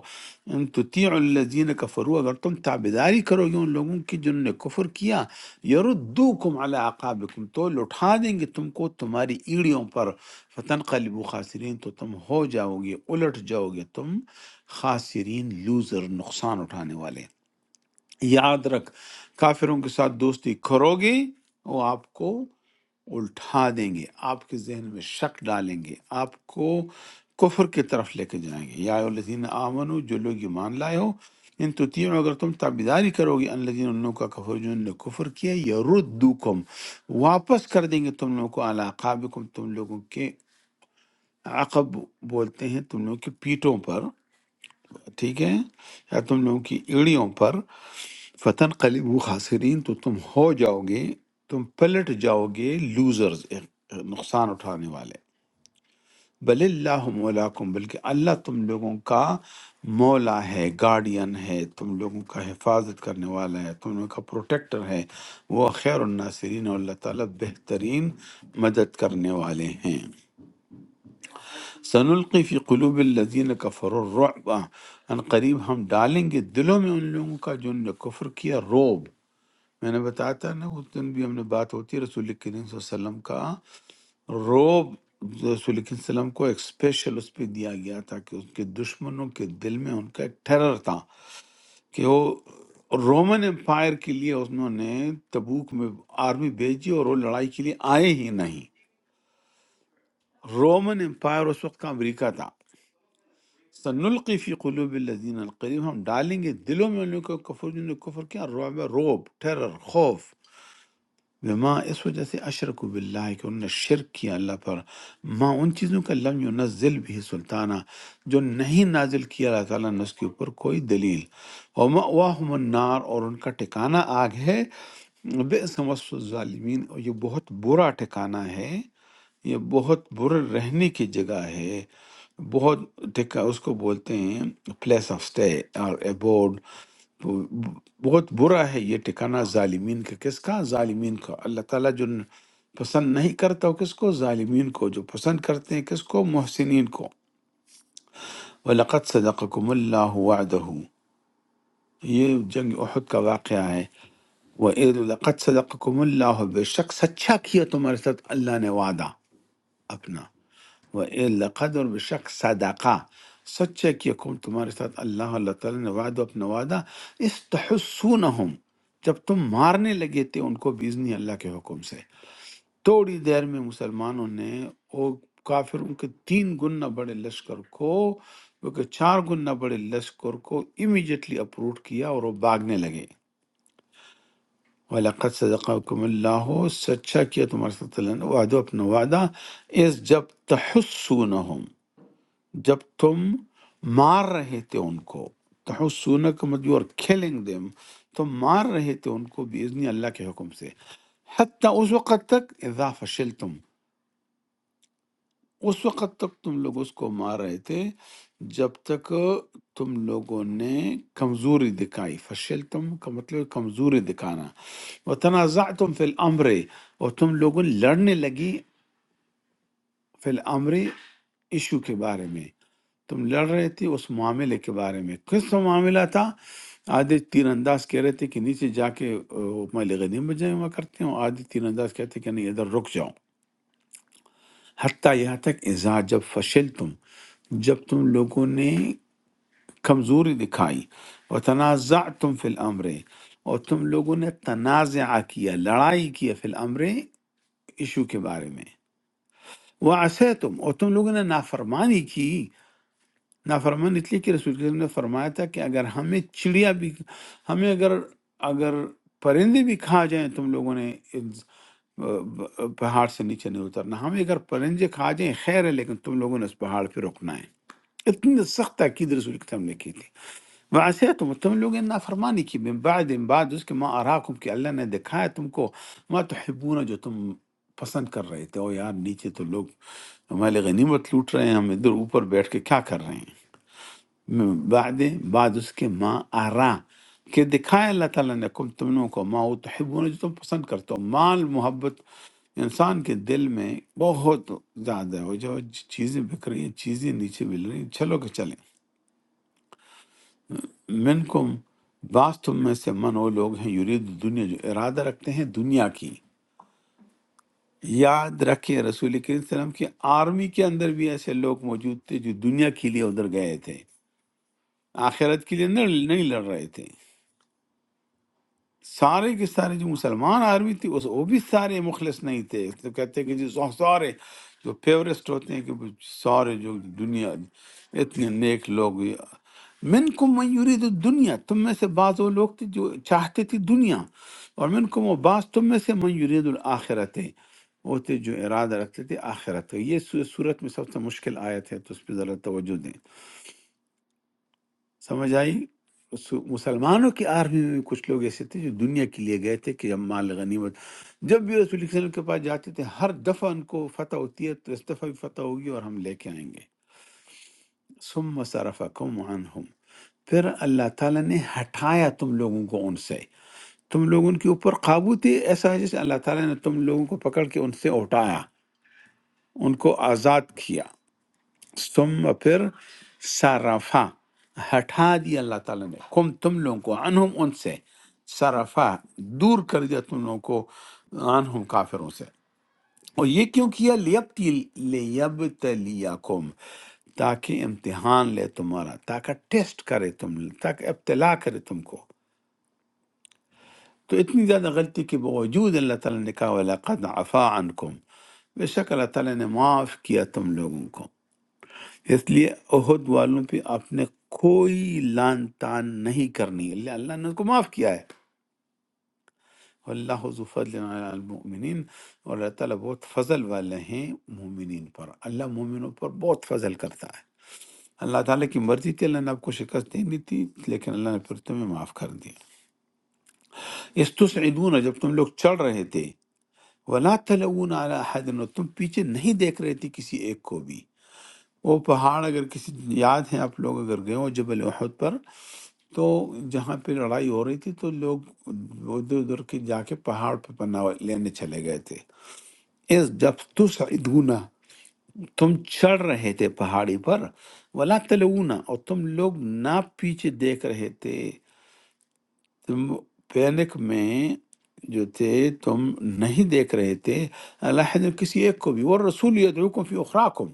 A: ان تطیعوا الذین کفروا اگر تم تابعداری کرو گے ان لوگوں کی جنہوں نے کفر کیا یردوکم علی عقابکم تو لٹھا دیں گے تم کو تمہاری ایڑیوں پر فتنقلبوا خاسرین تو تم ہو جاؤ گے الٹ جاؤ گے تم خاسرین لوزر نقصان اٹھانے والے یاد رکھ کافروں کے ساتھ دوستی کرو گے وہ آپ کو الٹا دیں گے آپ کے ذہن میں شک ڈالیں گے آپ کو کفر کی طرف لے کے جائیں گے یا الذین آمنو جو لوگ ایمان لائے ہو ان تطیعوا اگر تم تابیداری کرو گے ان الذین ان لوگوں کا کفر جو انہوں نے کفر کیا یردوکم واپس کر دیں گے تم لوگوں کو علی عقابکم تم لوگوں کے عقب بولتے ہیں تم لوگوں کی پیٹوں پر ٹھیک ہے یا تم لوگوں کی ایڑیوں پر فتن قلیب خاسرین تو تم ہو جاؤ گے تم پلٹ جاؤ گے لوزرز نقصان اٹھانے والے بل اللہ مولاکم بلکہ اللہ تم لوگوں کا مولا ہے گارڈین ہے تم لوگوں کا حفاظت کرنے والا ہے تم لوگوں کا پروٹیکٹر ہے وہ خیر الناصرین اور اللہ تعالیٰ بہترین مدد کرنے والے ہیں سنلقی فی قلوب الذین کفروا الرعب ان قریب ہم ڈالیں گے دلوں میں ان لوگوں کا جنہوں نے کفر کیا روب میں نے بتایا تھا نا اس دن بھی ہم نے بات ہوتی ہے رسول کریم صلی اللہ علیہ وسلم کا روب رسول کریم صلی اللہ علیہ وسلم کو ایک اسپیشل اس پہ دیا گیا تھا کہ ان کے دشمنوں کے دل میں ان کا ایک ٹیرر تھا کہ وہ رومن امپائر کے لیے انہوں نے تبوک میں آرمی بھیجی اور وہ لڑائی کے لیے آئے ہی نہیں رومن امپائر اس وقت کا امریکہ تھا سنلقی فی قلوب الذین القریب ہم ڈالیں گے دلوں میں ان لوگوں کو کفر جنہوں نے کفر کیا روب روب ٹیرر خوف بما اس وجہ سے اشرک باللہ کہ انہوں نے شرک کیا اللہ پر ما ان چیزوں کا لم ینزل بھی سلطانہ جو نہیں نازل کیا اللہ تعالیٰ نے اس کے اوپر کوئی دلیل ومأواہم النار اور ان کا ٹھکانہ آگ ہے بئس وصف الظالمین اور یہ بہت برا ٹھکانہ ہے یہ بہت برا رہنے کی جگہ ہے بہت ٹھکا اس کو بولتے ہیں پلیس آف اسٹے اور abode بہت برا ہے یہ ٹھکانہ ظالمین کا کس کا ظالمین کا اللہ تعالیٰ جو پسند نہیں کرتا وہ کس کو ظالمین کو جو پسند کرتے ہیں کس کو محسنین کو وَلَقَدْ صَدَقَكُمُ اللَّهُ وَعْدَهُ یہ جنگ احد کا واقعہ ہے وَإِذْ لَقَدْ صَدَقَكُمُ اللَّهُ بے شک سچا کیا تمہارے ساتھ اللہ نے وعدہ اپنا وَإِلَّا قَدْرٌ بِشَک صدقہ سچ ہے کہ کم تمہارے ساتھ اللہ اللہ تعالیٰ نے وعدہ اپنا وعدہ استحسونہم جب تم مارنے لگے تھے ان کو بیزنی اللہ کے حکم سے تھوڑی دیر میں مسلمانوں نے وہ کافروں کے تین گنا بڑے لشکر کو بلکہ چار گنا بڑے لشکر کو امیجیٹلی اپروٹ کیا اور وہ بھاگنے لگے وَلَقَدْ صَدَقَكُمُ اللَّهُ سچا کیا تمہارے ساتھ اللہ نے وعدہ اپنا وعدہ اس جب تحسونہم جب تم مار رہے تھے ان کو تحسون کا مطلب اور کھیلنگ دیم تم مار رہے تھے ان کو باذن اللہ کے حکم سے حتیٰ اس وقت تک اذا فشلتم اس وقت تک تم لوگ اس کو مار رہے تھے جب تک تم لوگوں نے کمزوری دکھائی فشلتم کا مطلب کمزوری دکھانا و تنازعتم فی الامر اور تم لوگوں نے لڑنے لگی فی الامر ایشو کے بارے میں تم لڑ رہے تھے اس معاملے کے بارے میں کس کا معاملہ تھا آدھے تیر انداز کہہ رہے تھے کہ نیچے جا کے مال غنیمت میں غنیم جمع کرتے ہوں آدھے تیر انداز کہتے کہ نہیں ادھر رک جاؤ حتیٰ یہاں تک اذا جب فشل تم جب تم لوگوں نے کمزوری دکھائی اور تنازع تم فی الامر اور تم لوگوں نے تنازع کیا لڑائی کیا فی الامر ایشو کے بارے میں وہ تم اور تم لوگوں نے نافرمانی کی نافرمان اس لیے کہ رسول اللہ نے فرمایا تھا کہ اگر ہمیں چڑیا بھی ہمیں اگر اگر پرندے بھی کھا جائیں تم لوگوں نے اس- پہاڑ سے نیچے نہیں اترنا ہمیں اگر پرندے کھا جائیں خیر ہے لیکن تم لوگوں نے اس پہاڑ پہ رکنا ہے اتنی سخت تاکید رسول کے نے کی تھی ویسے تم تم لوگوں نے نافرمانی کی من بعد من بعد اس کے ماں اراکم کہ اللہ نے دکھایا تم کو ما تحبون جو تم پسند کر رہے تھے او یار نیچے تو لوگ ہمارے لیے غنیمت لوٹ رہے ہیں ہم ادھر اوپر بیٹھ کے کیا کر رہے ہیں من بعد بعد اس کے ماں آرا کہ دکھائے اللہ تعالیٰ نے کم تم لوگوں کو ماں وہ تحبون جو تم پسند کرتے ہو مال محبت انسان کے دل میں بہت زیادہ ہے وہ جو چیزیں بک رہی ہیں چیزیں نیچے مل رہی ہیں چلو کہ چلیں من کم بعض تم میں سے من وہ لوگ ہیں یرید دنیا جو ارادہ رکھتے ہیں دنیا کی یاد رکھیں رسول کریم صلی اللہ علیہ وسلم کی آرمی کے اندر بھی ایسے لوگ موجود تھے جو دنیا کے لیے ادھر گئے تھے آخرت کے لیے نہ- نہیں لڑ رہے تھے سارے کے سارے جو مسلمان آرمی تھی اس وہ بھی سارے مخلص نہیں تھے اس لیے کہتے ہیں کہ جی سو- سارے جو فیورسٹ ہوتے ہیں کہ وہ سارے جو دنیا اتنے نیک لوگ من کو یرید دنیا تم میں سے بعض وہ لوگ تھے جو چاہتے تھے دنیا اور من کو بعض تم میں سے من یرید الآخرت ہے وہ تھے جو ارادہ رکھتے تھے آخرت کا۔ یہ سو- صورت میں سب سے مشکل آیت ہے تو اس پہ ذرا توجہ دیں سمجھ آئی سو- مسلمانوں کی آرمی میں بھی کچھ لوگ ایسے تھے جو دنیا کے لیے گئے تھے کہ ہم مال غنیمت جب بھی رسول اللہ صلی اللہ علیہ وسلم کے پاس جاتے تھے ہر دفعہ ان کو فتح ہوتی ہے تو اس دفعہ بھی فتح ہوگی اور ہم لے کے آئیں گے ثم صرفکم عنہم پھر اللہ تعالیٰ نے ہٹایا تم لوگوں کو ان سے تم لوگ ان کے اوپر قابو تھے ایسا ہے جیسے اللہ تعالیٰ نے تم لوگوں کو پکڑ کے ان سے اٹھایا ان کو آزاد کیا ثم پھر صرفا ہٹا دیا اللہ تعالیٰ نے کم تم لوگوں کو عنہم ان سے صرفا دور کر دیا تم لوگوں کو عنہم کافروں سے اور یہ کیوں کیا لیبتل لیبتلیکم تاکہ امتحان لے تمہارا تاکہ ٹیسٹ کرے تم تاکہ ابتلا کرے تم کو تو اتنی زیادہ غلطی کے باوجود اللہ تعالیٰ نے کہا وَلَقَدْ عَفَا عَنْكُمْ بے شک اللہ تعالیٰ نے معاف کیا تم لوگوں کو اس لیے عہد والوں پہ آپ نے کوئی لان تان نہیں کرنی اللہ اللہ نے ان کو معاف کیا ہے اللہ ذو فضل علی المؤمنین اور اللہ تعالیٰ بہت فضل والے ہیں مومنین پر اللہ مومنوں پر بہت فضل کرتا ہے اللہ تعالیٰ کی مرضی تھی اللہ نے آپ کو شکست دینی تھی لیکن اللہ نے پھر تمہیں معاف کر دیا استصعدون جب تم لوگ چڑھ رہے تھے ولا تلون علی احد اور تم پیچھے نہیں دیکھ رہے تھے کسی ایک کو بھی وہ پہاڑ اگر کسی یاد ہے آپ لوگ اگر گئے ہو جبل احد پر تو جہاں پہ لڑائی ہو رہی تھی تو لوگ ادھر ادھر کے جا کے پہاڑ پہ پناہ لینے چلے گئے تھے اس جب تصعدون تم چڑھ رہے تھے پہاڑی پر ولا تلونا اور تم لوگ نہ پیچھے دیکھ رہے تھے تم پینک میں جو تھے تم نہیں دیکھ رہے تھے اللہ نے کسی ایک کو بھی وہ رسول یدعوکم فی اخراکم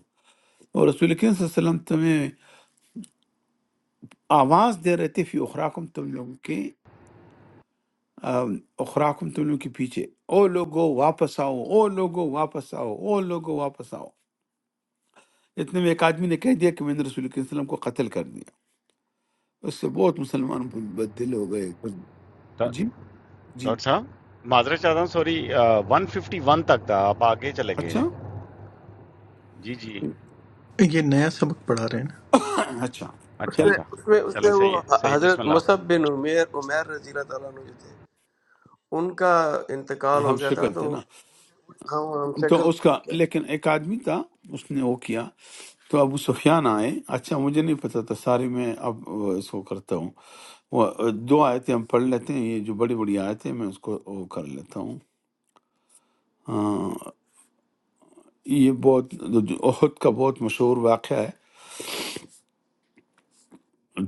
A: اور رسول کریم صلی اللہ علیہ وسلم تمہیں آواز دے رہے تھے فی اخراکم تم لوگوں کے اخرا کم تم لوگ کے پیچھے او لوگو واپس آؤ او لوگو واپس آؤ او لوگو واپس آؤ اتنے میں ایک آدمی نے کہہ دیا کہ میں نے رسول کے وسلم کو قتل کر دیا اس سے بہت مسلمان بد دل ہو گئے جی جی
C: ڈاکٹر صاحب معذرت چاہتا ہوں سوری ون ففٹی ون تک تھا آپ آگے چلے گئے
A: اچھا
C: ہیں جی جی
B: یہ نیا سبق پڑھا رہے ہیں نا
A: اچھا
C: اچھا
E: اس
A: چل
E: میں
C: اچھا
E: اس میں اس
C: چلیں
E: میں
C: صحیح
E: وہ
C: ہے صحیح بسم
E: حضرت
C: اللہ
E: مصعب بن عمیر عمیر رضی اللہ تعالیٰ عنہ جو تھے ان کا انتقال
A: ہم
E: ہو گیا تھا
A: شکل تھے
E: تو
A: نا
E: ہم ہم
A: تو
E: شکل
A: اس
E: تھے
A: کا
E: ان کے
A: لیکن ایک آدمی تھا اس نے وہ کیا تو ابو سفیان آئے اچھا مجھے نہیں پتا تھا ساری میں اب اس کو کرتا ہوں وہ دو آیتیں ہم پڑھ لیتے ہیں یہ جو بڑی بڑی آیتیں میں اس کو وہ کر لیتا ہوں آہ، یہ بہت جو احد کا بہت مشہور واقعہ ہے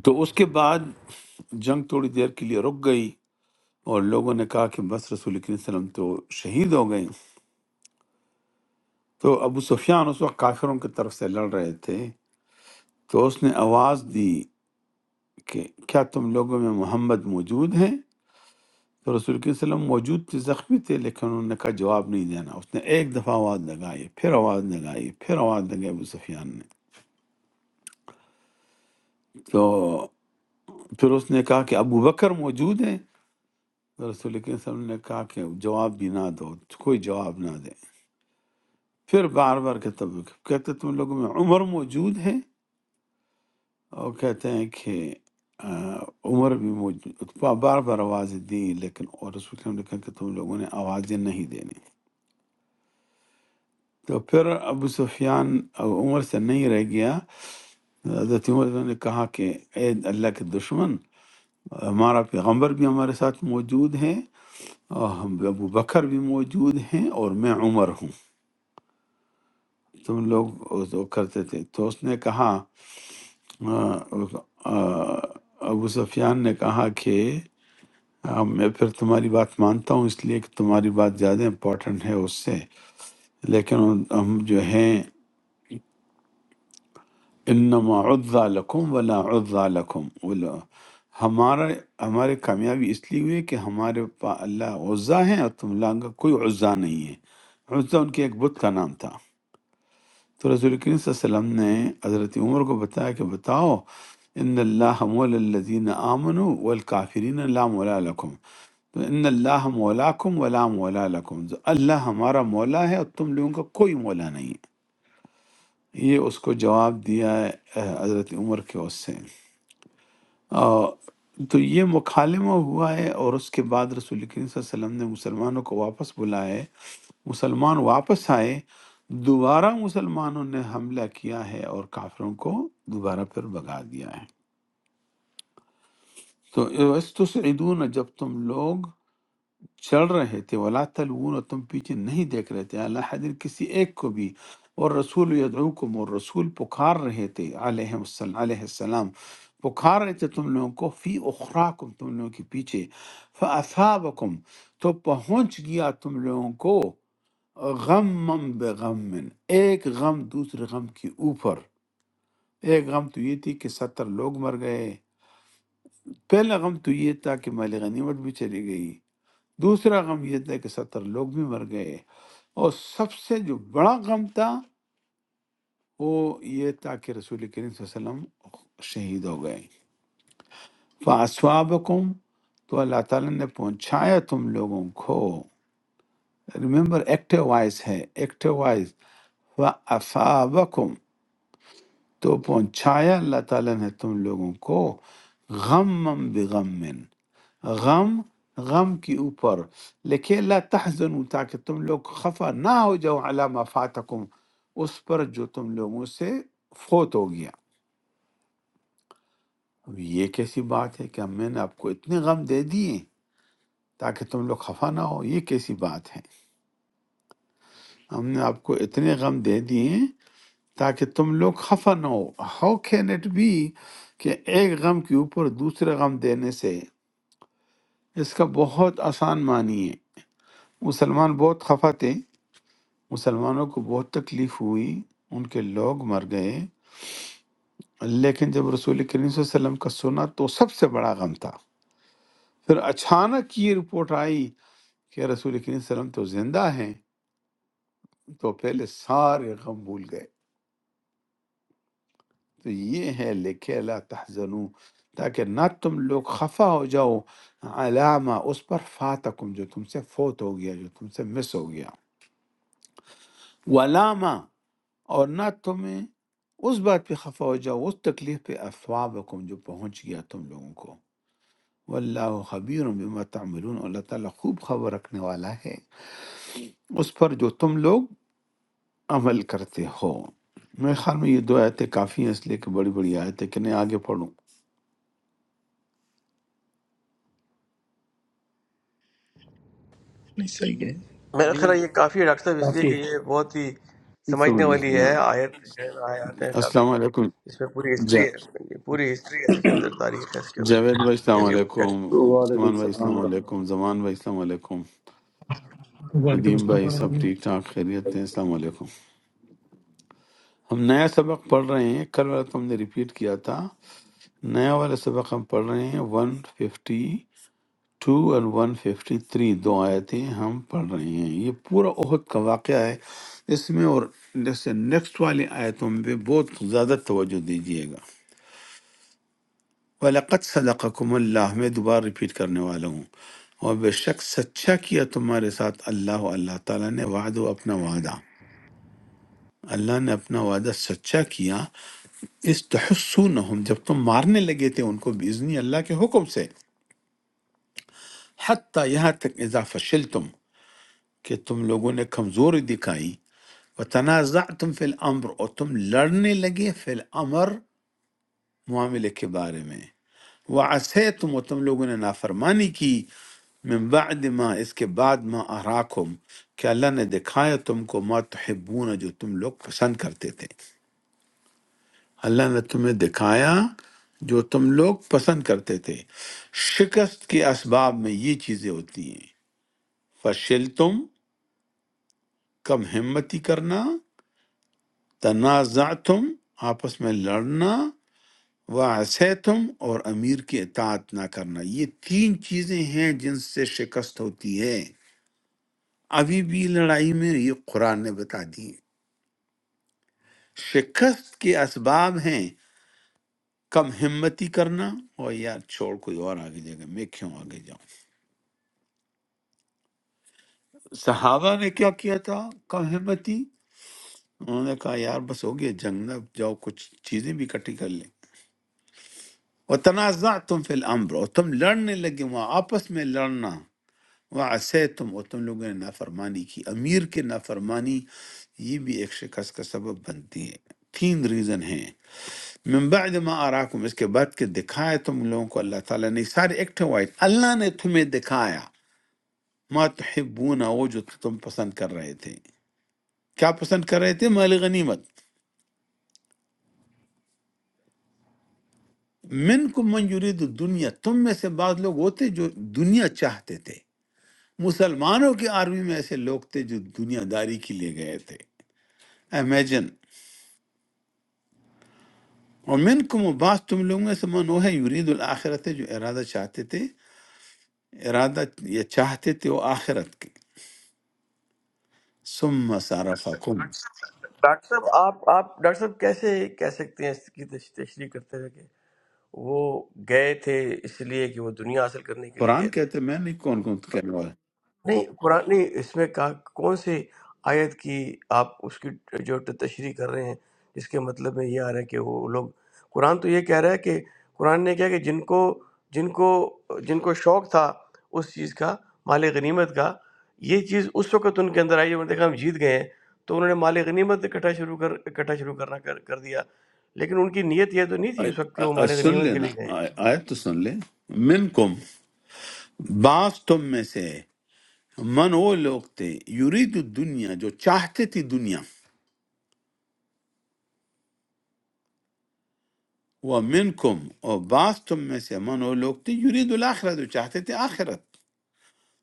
A: تو اس کے بعد جنگ تھوڑی دیر کے لیے رک گئی اور لوگوں نے کہا کہ بس رسول کریم صلی اللہ علیہ وسلم تو شہید ہو گئے تو ابو سفیان اس وقت کافروں کی طرف سے لڑ رہے تھے تو اس نے آواز دی کہ کیا تم لوگوں میں محمد موجود ہیں تو رسول کریم صلی اللہ علیہ وسلم موجود تھے زخمی تھے لیکن انہوں نے کہا جواب نہیں دینا اس نے ایک دفعہ آواز لگائی پھر آواز لگائی پھر آواز لگائی ابو سفیان نے تو پھر اس نے کہا کہ ابو بکر موجود ہیں رسول کے وسلم نے کہا کہ جواب بھی نہ دو کوئی جواب نہ دے پھر بار بار کہتے کہتے تم لوگوں میں عمر موجود ہے اور کہتے ہیں کہ آ، عمر بھی موجود بار بار آوازیں دی لیکن اور رسول کے نے کہا کہ تم لوگوں نے آوازیں نہیں دینی تو پھر ابو سفیان اب عمر سے نہیں رہ گیا حضرت عمر نے کہا کہ اے اللہ کے دشمن ہمارا پیغمبر بھی ہمارے ساتھ موجود ہے اور ہم ابو بکر بھی موجود ہیں اور میں عمر ہوں تم لوگ وہ کرتے تھے تو اس نے کہا آ، آ، ابو سفیان نے کہا کہ آ، میں پھر تمہاری بات مانتا ہوں اس لیے کہ تمہاری بات زیادہ امپورٹنٹ ہے اس سے لیکن ہم جو ہیں انما عزا لکم ولا عزا لکم ولا ہمارا ہمارے کامیابی اس لیے ہوئی ہے کہ ہمارے پا اللہ عزا ہیں اور تم لوگوں کا کوئی عزا نہیں ہے عزا ان کے ایک بت کا نام تھا تو رسول کریم صلی اللہ علیہ وسلم نے حضرت عمر کو بتایا کہ بتاؤ ان اللہ مولا الذین آمنوا والکافرین لا مولا لکم تو ان اللہ مولاکم ولا مولا لکم تو اللہ ہمارا مولا ہے اور تم لوگوں کا کوئی مولا نہیں ہے یہ اس کو جواب دیا ہے اہ، حضرت عمر کے اس سے آ، تو یہ مکالمہ ہوا ہے اور اس کے بعد رسول کریم صلی اللہ علیہ وسلم نے مسلمانوں کو واپس بلایا ہے۔ مسلمان واپس آئے دوبارہ مسلمانوں نے حملہ کیا ہے اور کافروں کو دوبارہ پھر بگا دیا ہے تو استسعدون جب تم لوگ چل رہے تھے ولا تلون اور تم پیچھے نہیں دیکھ رہے تھے اللہ حضر کسی ایک کو بھی اور رسول یدعوکم اور رسول پکار رہے تھے علیہ السلام علیہ السلام پکار رہے تھے تم لوگوں کو فی اخراکم تم لوگوں کے پیچھے فاصابکم تو پہنچ گیا تم لوگوں کو غم بغم ایک غم دوسرے غم کے اوپر ایک غم تو یہ تھی کہ ستر لوگ مر گئے پہلا غم تو یہ تھا کہ مال غنیمت بھی چلی گئی دوسرا غم یہ تھا کہ ستر لوگ بھی مر گئے اور سب سے جو بڑا غم تھا وہ یہ تھا کہ رسول کریم صلی اللہ علیہ وسلم شہید ہو گئے فاسوابکم تو اللہ تعالیٰ نے پہنچایا تم لوگوں کو ریمبر ایکٹیو وائز ہے ایکٹیو وائز فافابکم تو پہنچایا اللہ تعالیٰ نے تم لوگوں کو غم بغم غم غم کے اوپر لکھے اللہ تحزن تاکہ تم لوگ خفا نہ ہو جاؤ علامہ فاتکم اس پر جو تم لوگوں سے فوت ہو گیا اب یہ کیسی بات ہے کہ ہم میں نے آپ کو اتنے غم دے دیے تاکہ تم لوگ خفا نہ ہو یہ کیسی بات ہے ہم نے آپ کو اتنے غم دے دیے تاکہ تم لوگ خفا نہ ہو ہاؤ کین اٹ بی کہ ایک غم کے اوپر دوسرے غم دینے سے اس کا بہت آسان معنی ہے مسلمان بہت خفا تھے مسلمانوں کو بہت تکلیف ہوئی ان کے لوگ مر گئے لیکن جب رسول کریم صلی اللہ علیہ وسلم کا سنا تو سب سے بڑا غم تھا پھر اچانک یہ رپورٹ آئی کہ رسول کریم صلی اللہ علیہ وسلم تو زندہ ہیں تو پہلے سارے غم بھول گئے تو یہ ہے لکھے لا تحزنو تاکہ نہ تم لوگ خفا ہو جاؤ علامہ اس پر فاتکم جو تم سے فوت ہو گیا جو تم سے مس ہو گیا علامہ اور نہ تمہیں اس بات پہ خفا ہو جاؤ اس تکلیف پہ افوابکم جو پہنچ گیا تم لوگوں کو واللہ خبیر بما تعملون اللہ تعالیٰ خوب خبر رکھنے والا ہے اس پر جو تم لوگ عمل کرتے ہو میرے خیال میں یہ دو آیتیں کافی ہیں اس لیے کہ بڑی بڑی آیتیں کہ نہیں آگے پڑھوں
B: نہیں صحیح
C: نہیں
B: ہے
E: میرا
C: نہیں،
E: خیال ہے یہ کافی ہے ڈاکٹر صاحب اس لیے
B: کافی
E: کہ
B: ہے
E: یہ بہت ہی سمجھنے
A: زبردست
E: والی ہے
A: بیان
E: آیت جو ہے نا، آیات ہیں کافی
A: السلام علیکم
E: اس میں پوری
A: جا
E: ہسٹری ہے یہ پوری ہسٹری ہے اس کے اندر تاریخ ہے اس کے اندر
A: جاوید بھائی السلام
E: جنگ جنگ
A: علیکم
I: وعليكم
A: عثمان بھائی
I: السلام
A: السلام
I: ورحمة
A: علیکم زمان بھائی السلام علیکم ندیم بھائی سب ٹھیک ٹھاک خیریت ہیں السلام علیکم ہم نیا سبق پڑھ رہے ہیں کل والا تو ہم نے ریپیٹ کیا تھا نیا والا سبق ہم پڑھ رہے ہیں 152 اور 153 دو آیتیں ہم پڑھ رہے ہیں یہ پورا عہد کا واقعہ ہے اس میں اور جیسے نیکسٹ والی آیتوں میں بھی بہت زیادہ توجہ دیجیے گا وَلَقَدْ صَدَقَكُمُ اللہ میں دوبارہ ریپیٹ کرنے والا ہوں اور بے شک سچا کیا تمہارے ساتھ اللہ اللہ تعالیٰ نے وعد و اپنا وعدہ اللہ نے اپنا وعدہ سچا کیا اس تحسونہم جب تم مارنے لگے تھے ان کو باذن اللہ کے حکم سے حتیٰ یہاں تک اذا فشلتم کہ تم لوگوں نے کمزوری دکھائی و تنازعتم فی الامر اور تم لڑنے لگے فی الامر معاملے کے بارے میں وعصیتم اور تم لوگوں نے نافرمانی کی من بعد ما اس کے بعد ما اراکم کہ اللہ نے دکھایا تم کو ما تحبون جو تم لوگ پسند کرتے تھے اللہ نے تمہیں دکھایا جو تم لوگ پسند کرتے تھے شکست کے اسباب میں یہ چیزیں ہوتی ہیں فشل تم کم ہمتی کرنا تنازع تم آپس میں لڑنا واسے تم اور امیر کی اطاعت نہ کرنا یہ تین چیزیں ہیں جن سے شکست ہوتی ہے ابھی بھی لڑائی میں یہ قرآن نے بتا دی ہے۔ شکست کے اسباب ہیں کم ہمتی کرنا اور یار چھوڑ کوئی اور آگے جائے گا میں کیوں آگے جاؤں صحابہ نے کیا کیا تھا کم ہمتی انہوں نے کہا یار بس ہو گیا جنگ نہ جاؤ کچھ چیزیں بھی اکٹھی کر لیں وہ تنازع تم فی الامر اور تم لڑنے لگے وہاں آپس میں لڑنا وعصے تم اور تم لوگوں نے نافرمانی کی امیر کے نافرمانی یہ بھی ایک شکست کا سبب بنتی ہے تین ریزن ہیں من بعد ما آراکم اس کے بعد کہ دکھایا تم لوگوں کو اللہ تعالیٰ نے سارے ایکٹ وائٹ اللہ نے تمہیں دکھایا ما تحبون وہ جو تم پسند کر رہے تھے کیا پسند کر رہے تھے مال غنیمت منکم من کو منجورید دنیا تم میں سے بعض لوگ ہوتے جو دنیا چاہتے تھے مسلمانوں کی آرمی میں ایسے لوگ تھے جو دنیا داری کے لیے گئے تھے امیجن اور من کو بعض تم لوگوں میں سے من وہ ہے یورید الآخرت ہے جو ارادہ چاہتے تھے ارادہ یہ چاہتے تھے وہ آخرت کے ثم صرفکم
E: ڈاکٹر صاحب آپ آپ ڈاکٹر صاحب کیسے کہہ سکتے ہیں اس کی تش- تشریح کرتے ہوئے کہ وہ گئے تھے اس لیے کہ وہ دنیا حاصل کرنے کے لیے
A: قرآن
E: گئے تھے
A: کہتے ہیں، میں نہیں کون کون کہنے والا
E: نہیں قرآن نہیں اس میں کہا کون سی آیت کی آپ اس کی جو تشریح کر رہے ہیں اس کے مطلب میں یہ آ رہا ہے کہ وہ لوگ قرآن تو یہ کہہ رہا ہے کہ قرآن نے کیا کہ جن کو جن کو جن کو شوق تھا اس چیز کا مال غنیمت کا یہ چیز اس وقت ان کے اندر آئی جب انہوں نے دیکھا ہم جیت گئے ہیں تو انہوں نے مال غنیمت اکٹھا شروع کر اکٹھا شروع کرنا کر کر دیا لیکن ان کی نیت یہ تو نہیں تھی اس وقت کہ
A: آ- آ-
E: وہ
A: آ-
E: مال
A: سن
E: غنیمت کے
A: لینا
E: لیے گئے ہیں
A: آ- آیت تو سن لیں منکم بعض تم میں سے من وہ لوگ تھے یرید الدنیا جو چاہتے تھی دنیا وہ منکم اور بعض تم میں سے من وہ لوگ تھے یرید الاخرہ جو چاہتے تھے آخرت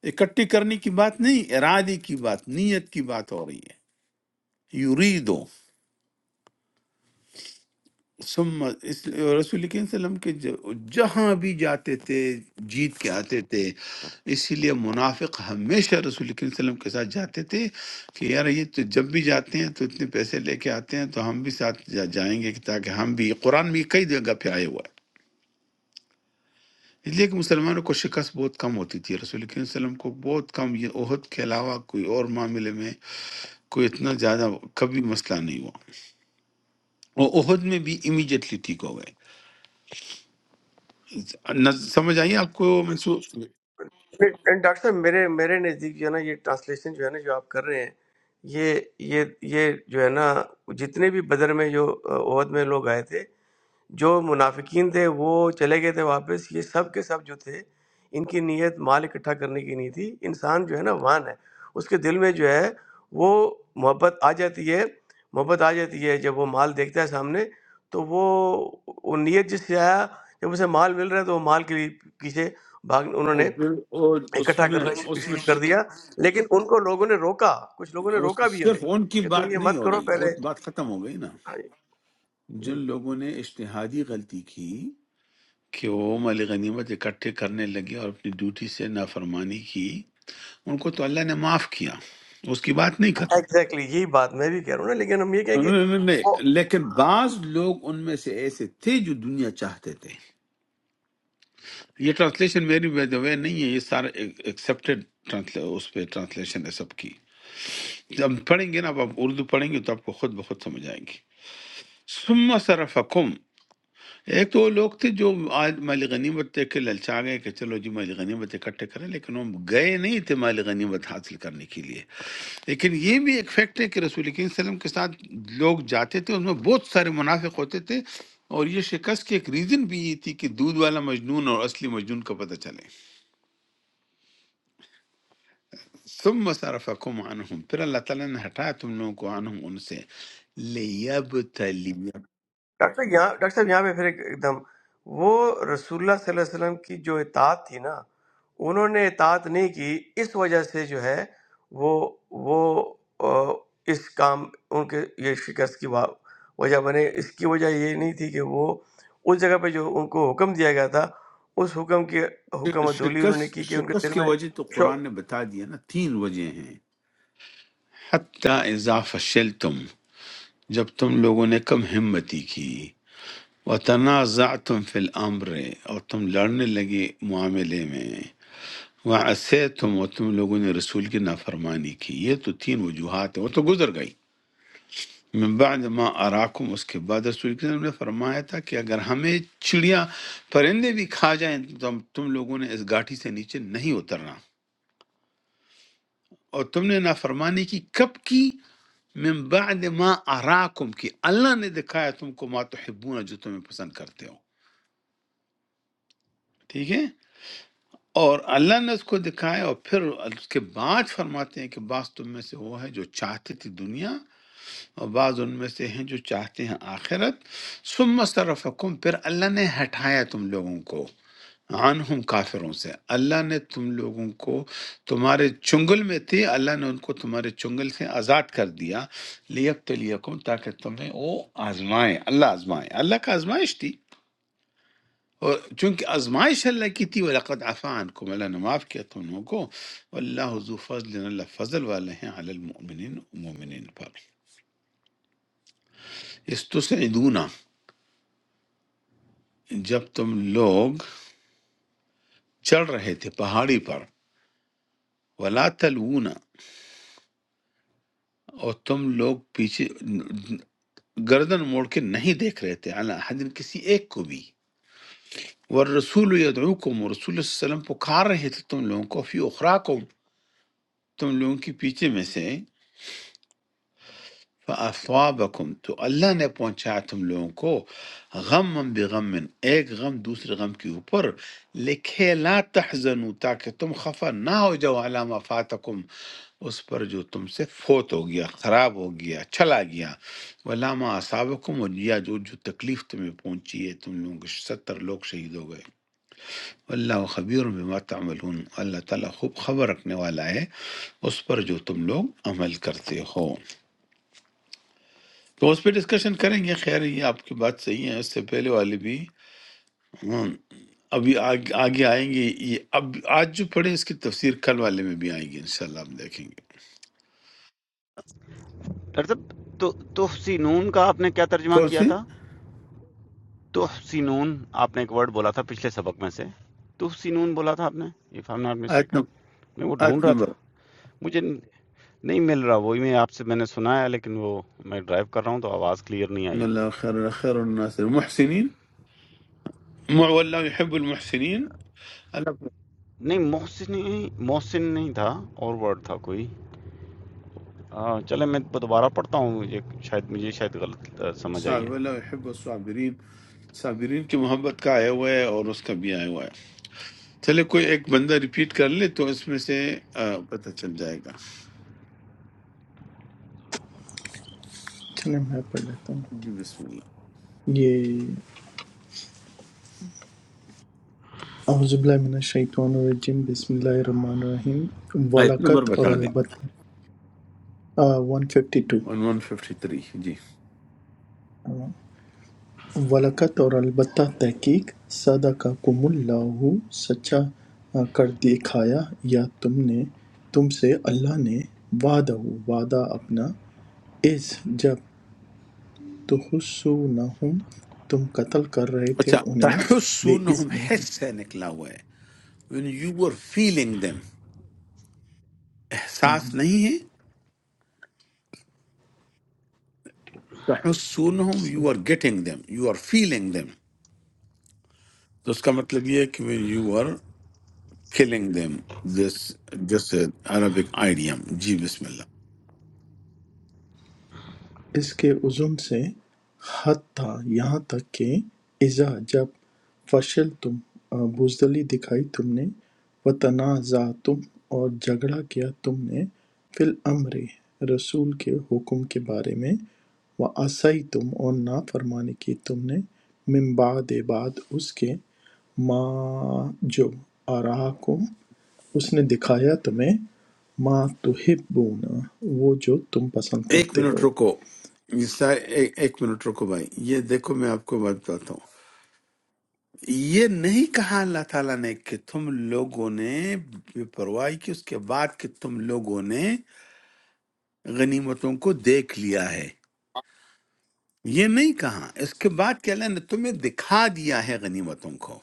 A: اکٹھی کرنے کی بات نہیں ارادے کی بات نیت کی بات ہو رہی ہے یریدو ثم اس رسول کریم صلی اللہ علیہ وسلم کے جو- جہاں بھی جاتے تھے جیت کے آتے تھے اسی لیے منافق ہمیشہ رسول کریم صلی اللہ علیہ وسلم کے ساتھ جاتے تھے کہ یار یہ تو جب بھی جاتے ہیں تو اتنے پیسے لے کے آتے ہیں تو ہم بھی ساتھ جا جائیں گے کہ تاکہ ہم بھی قرآن میں کئی جگہ پہ آئے ہوا ہے اس لیے کہ مسلمانوں کو شکست بہت کم ہوتی تھی رسول کریم صلی اللہ علیہ وسلم کو بہت کم یہ عہد کے علاوہ کوئی اور معاملے میں کوئی اتنا زیادہ کبھی مسئلہ نہیں ہوا اور عہد میں بھی امیجیٹلی ٹھیک ہو گئے نہ- سمجھ آئی آپ کو محسوس
E: نہیں، ڈاکٹر صاحب میرے میرے نزدیک جو ہے نا یہ ٹرانسلیشن جو ہے نا جو آپ کر رہے ہیں یہ یہ یہ جو ہے نا جتنے بھی بدر میں جو آ، عہد میں لوگ آئے تھے جو منافقین تھے وہ چلے گئے تھے واپس یہ سب کے سب جو تھے ان کی نیت مال اکٹھا کرنے کی نہیں تھی انسان جو ہے نا وان ہے اس کے دل میں جو ہے وہ محبت آ جاتی ہے محبت آ جاتی ہے جب وہ مال دیکھتا ہے سامنے تو وہ وہ نیت جس سے آیا جب اسے مال مل رہا ہے تو وہ مال کے لیے پیچھے بھاگ انہوں
A: وہ
E: نے
A: پھر- اور اس
E: اکٹھا
A: میں
E: کرنا شروع
A: اس میں
E: شروع کر
A: ش-
E: دیا لیکن ان کو لوگوں نے روکا کچھ لوگوں نے
A: اس-
E: روکا بھی انہیں
A: صرف ان کی
E: کہ تم
A: بات
E: یہ
A: نہیں
E: مت
A: ہو
E: کرو
A: رہی وہ
E: پہلے
A: بات ختم ہو گئی نا
E: [LAUGHS]
A: جن لوگوں نے اشتہادی غلطی کی کہ وہ مال غنیمت اکٹھے کرنے لگے اور اپنی ڈیوٹی سے نافرمانی کی ان کو تو اللہ نے معاف کیا اس کی بات نہیں کرنا
E: ایگزیکٹلی یہی بات میں بھی کہہ رہا ہوں نا لیکن ہم یہ کہیں کہ
A: نہیں- نہیں- نہیں،
E: وہ
A: لیکن بعض لوگ ان میں سے ایسے تھے جو دنیا چاہتے تھے یہ ٹرانسلیشن میری وے نہیں ہے یہ سارے ایکسیپٹیڈ اس پہ ٹرانسلیشن ہے سب کی جب پڑھیں گے نا اب آپ اردو پڑھیں گے تو آپ کو خود بخود سمجھ آئیں گی ثم صرفکم ایک تو وہ لوگ تھے جو آج مال غنیمت دے کے للچا گئے کہ چلو جی مال غنیمت اکٹھے کریں لیکن وہ گئے نہیں تھے مال غنیمت حاصل کرنے کے لیے لیکن یہ بھی ایک فیکٹ ہے کہ رسول کریم صلی اللہ علیہ وسلم کے ساتھ لوگ جاتے تھے ان میں بہت سارے منافق ہوتے تھے اور یہ شکست کی ایک ریزن بھی یہ تھی کہ دودھ والا مجنون اور اصلی مجنون کا پتہ چلے ثم صرفکم عنہم پھر اللہ تعالیٰ نے ہٹایا تم لوگوں کو عنہم ان سے لیبتلیکم
E: ڈاکٹر صاحب یہاں ڈاکٹر صاحب یہاں پہ پھر ایک ایک دم وہ رسول اللہ صلی اللہ علیہ وسلم کی جو اطاعت تھی نا انہوں نے اطاعت نہیں کی اس وجہ سے جو ہے وہ وہ آ، اس کام ان کے یہ شکست کی وا- وجہ بنے اس کی وجہ یہ نہیں تھی کہ وہ اس جگہ پہ جو ان کو حکم دیا گیا تھا اس حکم کی حکم
A: ش-
E: عدولی انہوں نے
A: شکست
E: کی کہ ان کے
A: شکست
E: دل
A: کے
E: میں
A: وجہ تو
E: شوق
A: قرآن نے بتا دیا نا تین وجہ ہیں حتی اذا فشلتم جب تم لوگوں نے کم ہمتی کی وتنازعتم فی الامر اور تم لڑنے لگے معاملے میں وعصیتم اور تم لوگوں نے رسول کی نافرمانی کی یہ تو تین وجوہات ہیں وہ تو گزر گئی من بعد ما اراکم اس کے بعد رسول کریم نے فرمایا تھا کہ اگر ہمیں چڑیا پرندے بھی کھا جائیں تو ہم- تم لوگوں نے اس گاٹھی سے نیچے نہیں اترنا اور تم نے نافرمانی کی کب کی من بعد ما اراکم کی اللہ نے دکھایا تم کو ما تحبون جو تمہیں پسند کرتے ہو ٹھیک ہے اور اللہ نے اس کو دکھایا اور پھر اس کے بعد فرماتے ہیں کہ بعض تم میں سے وہ ہے جو چاہتے تھے دنیا اور بعض ان میں سے ہیں جو چاہتے ہیں آخرت ثم صرفکم پھر اللہ نے ہٹایا تم لوگوں کو عنہم کافروں سے اللہ نے تم لوگوں کو تمہارے چنگل میں تھے اللہ نے ان کو تمہارے چنگل سے آزاد کر دیا لیبتلیکم تاکہ تمہیں وہ آزمائے اللہ آزمائے اللہ کا آزمائش تھی اور چونکہ آزمائش اللہ کی تھی وَلَقَدْ عَفَا عَنْكُمْ اللہ نے معاف کیا تم لوگوں کو وَاللَّهُ ذُو فَضْلٍ اللہ فضل والے ہیں علی المؤمنین مومنین پر استسعدون جب تم لوگ چڑھ رہے تھے پہاڑی پر ولا تلوون اور تم لوگ پیچھے گردن موڑ کے نہیں دیکھ رہے تھے اللہ حدن کسی ایک کو بھی والرسول یدعوکم اور رسول صلی اللہ علیہ وسلم پکار رہے تھے تم لوگوں کو فی اخراکم تم لوگوں کے پیچھے میں سے فاصابکم تو اللہ نے پہنچایا تم لوگوں کو غم بغم ایک غم دوسرے غم کے اوپر لکھے لا تحزنوا تاکہ تم خفا نہ ہو جاؤ علامہ فاتکم اس پر جو تم سے فوت ہو گیا خراب ہو گیا چلا گیا علامہ اصابکم اور یا جو جو تکلیف تمہیں پہنچی ہے تم لوگ ستر لوگ شہید ہو گئے اللہ خبیر بما تعملون اللہ تعالیٰ خوب خبر رکھنے والا ہے اس پر جو تم لوگ عمل کرتے ہو تو اس پہ ڈسکشن کریں گے خیر یہ آپ کی بات صحیح ہے اس سے پہلے والی بھی ہم ابھی آگ- آگے آئیں گے یہ اب آج جو پڑھے اس کی تفسیر کل والے میں بھی آئیں گی انشاءاللہ ہم دیکھیں گے
C: ڈاکٹر صاحب تو تحسینون کا آپ نے کیا ترجمہ
A: کون سی
C: کیا تھا تحسینون آپ نے ایک ورڈ بولا تھا پچھلے سبق میں سے تحسینون بولا تھا آپ نے اف آئی ایم ناٹ
A: آیت
C: مسٹیکن
A: نمبر
C: میں وہ
A: آیت
C: ڈھونڈ رہا
A: نمبر
C: تھا مجھے نہیں مل رہا وہی میں آپ سے میں نے سنا ہے لیکن وہ میں ڈرائیو کر رہا ہوں تو آواز کلیئر نہیں
A: ان
C: آئی
A: اللہ خیر خیر الناس المحسنین مع- واللہ یحب المحسنین اللہ
C: نہیں محسن نہیں محسن نہیں تھا اور ورڈ تھا کوئی ہاں چلیں میں دوبارہ پڑھتا ہوں یہ شاید مجھے شاید غلط آ، سمجھ آئی
A: صاحب
C: ہے
A: واللہ يحب الصابرین صابرین کی محبت کا آیا ہوا ہے اور اس کا بھی آیا ہوا ہے چلے کوئی ایک بندہ ریپیٹ کر لے تو اس میں سے آ، پتہ چل جائے گا
B: چلیں میں پڑھ لیتا ہوں
A: جی بسم اللہ
B: یہ اعوذ باللہ من الشیطان الرجیم بسم اللہ الرحمن الرحیم
A: آیت نمبر
B: ولاقت اور
A: بتا دیں
B: البتہ ون ففٹی
A: 1153 جی
B: ٹو وَلَقَد اور البتہ تحقیق صَدَقَکُمُ اللّٰہ سچا کر دکھایا یا تم نے تم سے اللہ نے وعدہ وعدہ اپنا اذ جب تحسونہم تم قتل کر رہے تھے
A: اچھا
B: انہیں بے
A: تحسونہم حس سے نکلا ہوا ہے when you were feeling them احساس
B: اذن
A: نہیں ہے تحسونہم you are getting them you are feeling them تو اس کا مطلب یہ ہے کہ when you were killing them this this is Arabic idiom جی بسم اللہ
B: اس کے عزم سے حتیٰ یہاں تک کہ اذا جب فشلتم بزدلی دکھائی تم نے وتنازعتم اور جھگڑا کیا تم نے فی الامر رسول کے حکم کے بارے میں وعصیتم اور نافرمانی کی تم نے من بعد بعد اس کے ما جو آراکم اس نے دکھایا تمہیں ما تحبون وہ جو تم پسند
A: ایک
B: کرتے ہو
A: منٹ رکو یہ سارے ایک ایک منٹ رکو بھائی یہ دیکھو میں آپ کو بات بتاتا ہوں یہ نہیں کہا اللہ تعالیٰ نے کہ تم لوگوں نے بے پرواہی کی اس کے بعد کہ تم لوگوں نے غنیمتوں کو دیکھ لیا ہے یہ نہیں کہا اس کے بعد کہ اللہ نے تمہیں دکھا دیا ہے غنیمتوں کو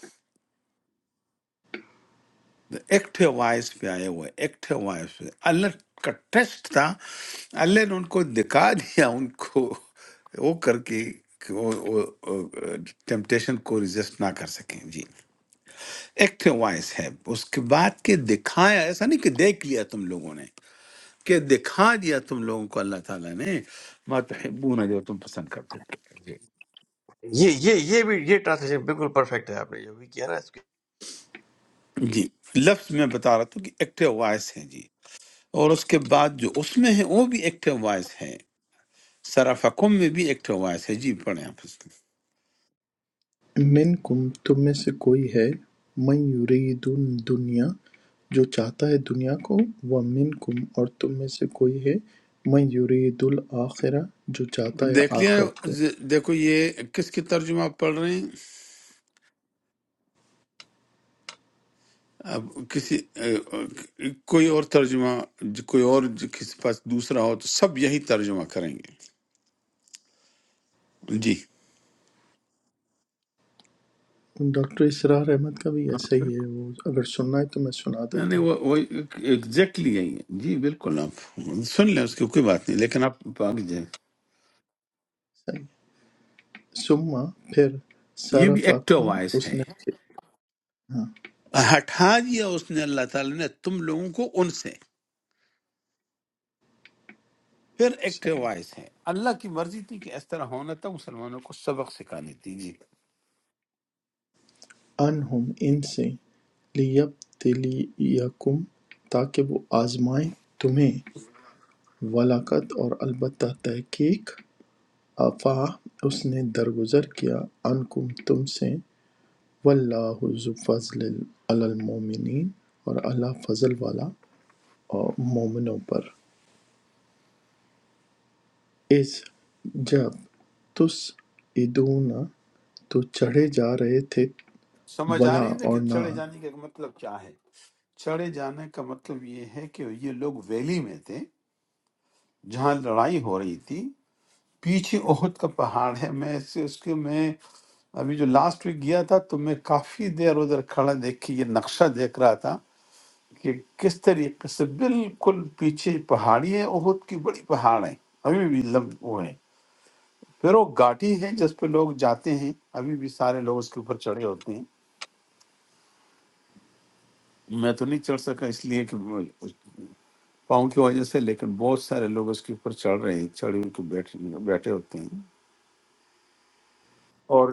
A: ایکٹیو وائس پہ آئے ہوئے ایکٹیو وائس پہ اللہ کا ٹیسٹ تھا اللہ نے ان کو دکھا دیا ان کو وہ کر کے کہ وہ ٹیمپٹیشن کو ریزسٹ نہ کر سکیں جی ایکٹیو وائس ہے اس کے بعد کہ دکھایا ایسا نہیں کہ دیکھ لیا تم لوگوں نے کہ دکھا دیا تم لوگوں کو اللہ تعالیٰ نے ما تحبون جو تم پسند کرتے تھے جی
E: یہ یہ یہ بھی یہ ٹرانسلیشن بالکل پرفیکٹ ہے آپ نے جو بھی کیا نا اس کی
A: جی لفظ میں بتا رہا تھا کہ ایکٹیو وائس ہے جی اور اس کے بعد جو اس میں ہے وہ بھی ایکٹیو وائس ہے سرافکم میں بھی ایک ٹھواس ہے جی پڑھیں آپ اس کو
B: مِنکُم تم میں سے کوئی ہے مَن یُرِیدُ الدُّنْیَا جو چاہتا ہے دنیا کو وَمِنکُم اور تم میں سے کوئی ہے مَن یُرِیدُ الْآخِرَۃ جو چاہتا ہے
A: دیکھ لیا
B: آخرت کو
A: ز- دیکھو یہ کس کی ترجمہ آپ پڑھ رہے ہیں اب کسی اے، کوئی اور ترجمہ جو کوئی اور جو کسی پاس دوسرا ہو تو سب یہی ترجمہ کریں گے جی
B: ڈاکٹر اسرار احمد کا بھی ایسا ہی ہے وہ اگر سننا ہے تو میں سنا
A: نہیں نہیں
B: دیتا ہوں
A: وہ وہ ایگزیکٹلی یہی ہے جی بالکل آپ سن لیں اس کی کوئی بات نہیں لیکن آپ آگے جائیں
B: صحیح سما پھر
A: یہ بھی ایکٹو
B: صرفکم
A: وائس
B: اس
A: ہے
B: نے ہاں
A: ہٹا دیا اس نے اللہ تعالیٰ نے تم لوگوں کو ان سے پھر ایکٹیو
B: صحیح
A: وائس ہے اللہ کی مرضی تھی کہ اس طرح ہونا تھا مسلمانوں کو سبق سکھانے تھی جی
B: انہم ان سے لیبتلیکم تاکہ وہ آزمائیں تمہیں ولاقت اور البتہ تحقیق عفا اس نے درگزر کیا عنکم تم سے واللہ ذو فضل علی المومنین اور اللہ فضل والا اور مومنوں پر اس جب تس ادونا تو چڑھے جا رہے تھے
A: سمجھ آ
B: ولا
A: رہی ہے کہ
B: اور نہ
A: چڑھے جانے کا مطلب کیا ہے چڑھے جانے کا مطلب یہ ہے کہ یہ لوگ ویلی میں تھے جہاں لڑائی ہو رہی تھی پیچھے احد کا پہاڑ ہے میں اس اس کے میں ابھی جو لاسٹ ویک گیا تھا تو میں کافی دیر ادھر کھڑا دیکھ کے یہ نقشہ دیکھ رہا تھا کہ کس طریقے سے بالکل پیچھے پہاڑی ہے احد کی بڑی پہاڑ ہے ابھی بھی لمب وہ ہے پھر وہ گاٹی ہے جس پہ لوگ جاتے ہیں ابھی بھی سارے لوگ اس کے اوپر چڑھے ہوتے ہیں میں تو نہیں چڑھ سکا اس لیے کہ میں- پاؤں کی وجہ سے لیکن بہت سارے لوگ اس کے اوپر چڑھ رہے ہیں چڑھے ان کو بیٹھے بیٹھے ہوتے ہیں اور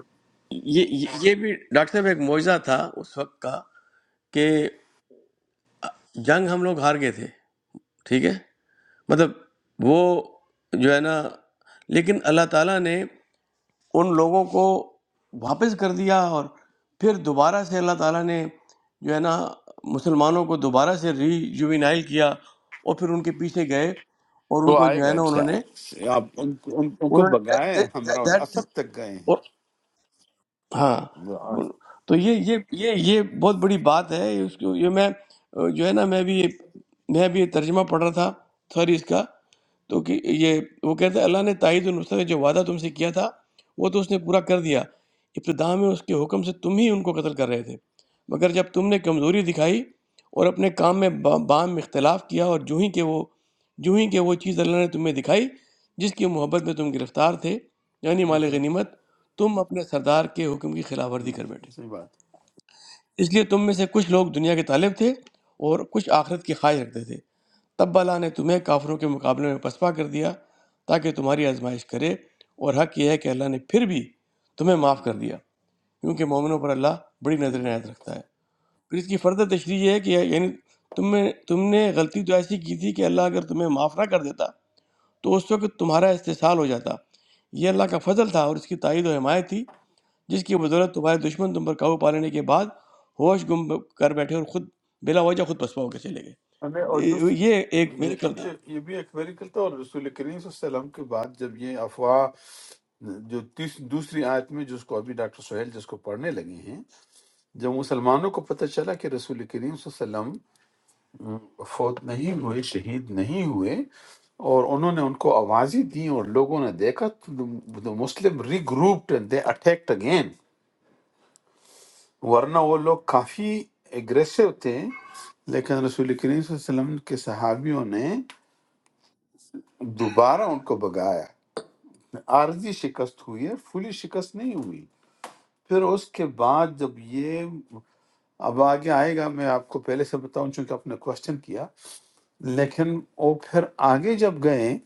E: یہ یہ یہ بھی ڈاکٹر صاحب ایک معجزہ تھا اس وقت کا کہ جنگ ہم لوگ ہار گئے تھے ٹھیک ہے مطلب وہ جو ہے نا لیکن اللہ تعالیٰ نے ان لوگوں کو واپس کر دیا اور پھر دوبارہ سے اللہ تعالیٰ نے جو ہے نا مسلمانوں کو دوبارہ سے ری جوینائل کیا اور پھر ان کے پیچھے گئے اور ان
A: وہ
E: کو
A: آئے
E: جو ہے
A: گا
E: نا انہوں نے
A: چاہے آپ ان, کو- ان, ان کو
E: انہوں نے
A: بگائے
E: that- that-
A: ہمراہ
E: that is-
A: اسد تک گئے ہیں
E: اور ہاں
A: ہم۔
E: تو یہ یہ یہ یہ بہت بڑی بات ہے اس کو یہ میں اہ، جو ہے نا میں بھی میں بھی یہ ترجمہ پڑھ رہا تھا سوری اس کا تو کہ یہ وہ کہتا ہے اللہ نے تائید النصر میں جو وعدہ تم سے کیا تھا وہ تو اس نے پورا کر دیا ابتدا میں اس کے حکم سے تم ہی ان کو قتل کر رہے تھے مگر جب تم نے کمزوری دکھائی اور اپنے کام میں با- بام میں اختلاف کیا اور جو ہی کہ وہ جو ہی کہ وہ چیز اللہ نے تمہیں دکھائی جس کی محبت میں تم گرفتار تھے یعنی مال
A: ہم،
E: غنیمت تم اپنے سردار کے حکم کی خلاف ورزی
A: ہم،
E: کر بیٹھے
A: صحیح
E: اس لیے تم میں سے کچھ لوگ دنیا کے طالب تھے اور کچھ آخرت کی خواہش رکھتے تھے تب اللہ نے تمہیں کافروں کے مقابلے میں پسپا کر دیا تاکہ تمہاری آزمائش کرے اور حق یہ ہے کہ اللہ نے پھر بھی تمہیں معاف کر دیا کیونکہ مومنوں پر اللہ بڑی نظر
A: بات
E: عنایت رکھتا ہے پھر اس کی فردر تشریح یہ ہے کہ یعنی تم نے تم نے غلطی تو ایسی کی تھی کہ اللہ اگر تمہیں معاف نہ کر دیتا تو اس وقت تمہارا استحصال ہو جاتا یہ اللہ کا فضل تھا اور اس کی تائید و حمایت تھی جس کی بدولت تمہارے دشمن تم پر قابو پا لینے کے بعد ہوش گم کر بیٹھے اور خود بلا وجہ خود پسپا ہو کے چلے
A: ہمیں اور
E: گئے
A: دوسری
E: یہ ایک
A: یہ
E: میریکل تھا
A: یہ یہ بھی ایک میریکل تھا اور رسول کریم صلی اللہ علیہ وسلم کے بعد جب یہ افواہ جو تیس- دوسری آیت میں جس کو ابھی ڈاکٹر سہیل جس کو پڑھنے لگے ہیں جب مسلمانوں کو پتہ چلا کہ رسول کریم صلی اللہ علیہ وسلم فوت نہیں ہوئے شہید نہیں ہوئے اور انہوں نے ان کو آوازیں دیں اور لوگوں نے دیکھا تو Muslim regrouped and they attacked again ورنہ وہ لوگ کافی اگریسو تھے لیکن رسول کریم صلی اللہ علیہ وسلم کے صحابیوں نے دوبارہ ان کو بگایا عارضی شکست ہوئی ہے فلی شکست نہیں ہوئی پھر اس کے بعد جب یہ اب آگے آئے گا میں آپ کو پہلے سے بتاؤں چونکہ آپ نے کوشچن کیا لیکن وہ پھر آگے جب گئے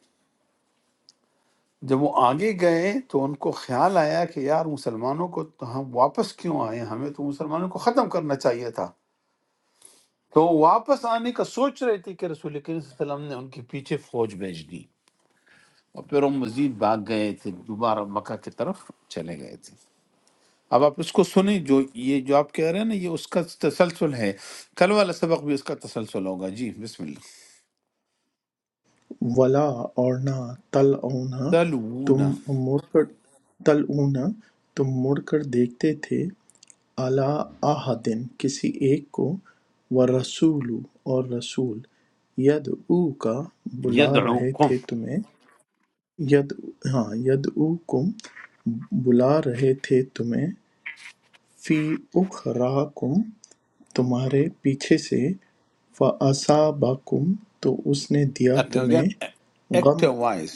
A: جب وہ آگے گئے تو ان کو خیال آیا کہ یار مسلمانوں کو تو ہم واپس کیوں آئے ہمیں تو مسلمانوں کو ختم کرنا چاہیے تھا تو وہ واپس آنے کا سوچ رہے تھے کہ رسول کریم صلی اللہ علیہ وسلم نے ان کے پیچھے فوج بھیج دی اور پھر وہ مزید بھاگ گئے تھے دوبارہ مکہ کی طرف چلے گئے تھے اب آپ اس کو سنیں جو یہ جو آپ کہہ رہے ہیں نا یہ اس کا تسلسل ہے کل والا سبق بھی اس کا تسلسل ہوگا جی بسم اللہ
B: ولا اور نہ تل اونا
A: تلوون
B: تم مڑ کر تل اونا تم مڑ کر دیکھتے تھے عَلَىٰ أَحَدٍ کسی ایک کو وَالرَّسُولُ اور رسول يَدْعُوكَ بلا رہے
A: یدعوکم
B: تھے تمہیں ید ہاں يَدْعُوكُم بلا رہے تھے تمہیں فِي أُخْرَاكُم تمہارے پیچھے سے فَأَصَابَكُم تو اس نے دیا تمہیں
A: ایکٹ
B: غم
A: وائز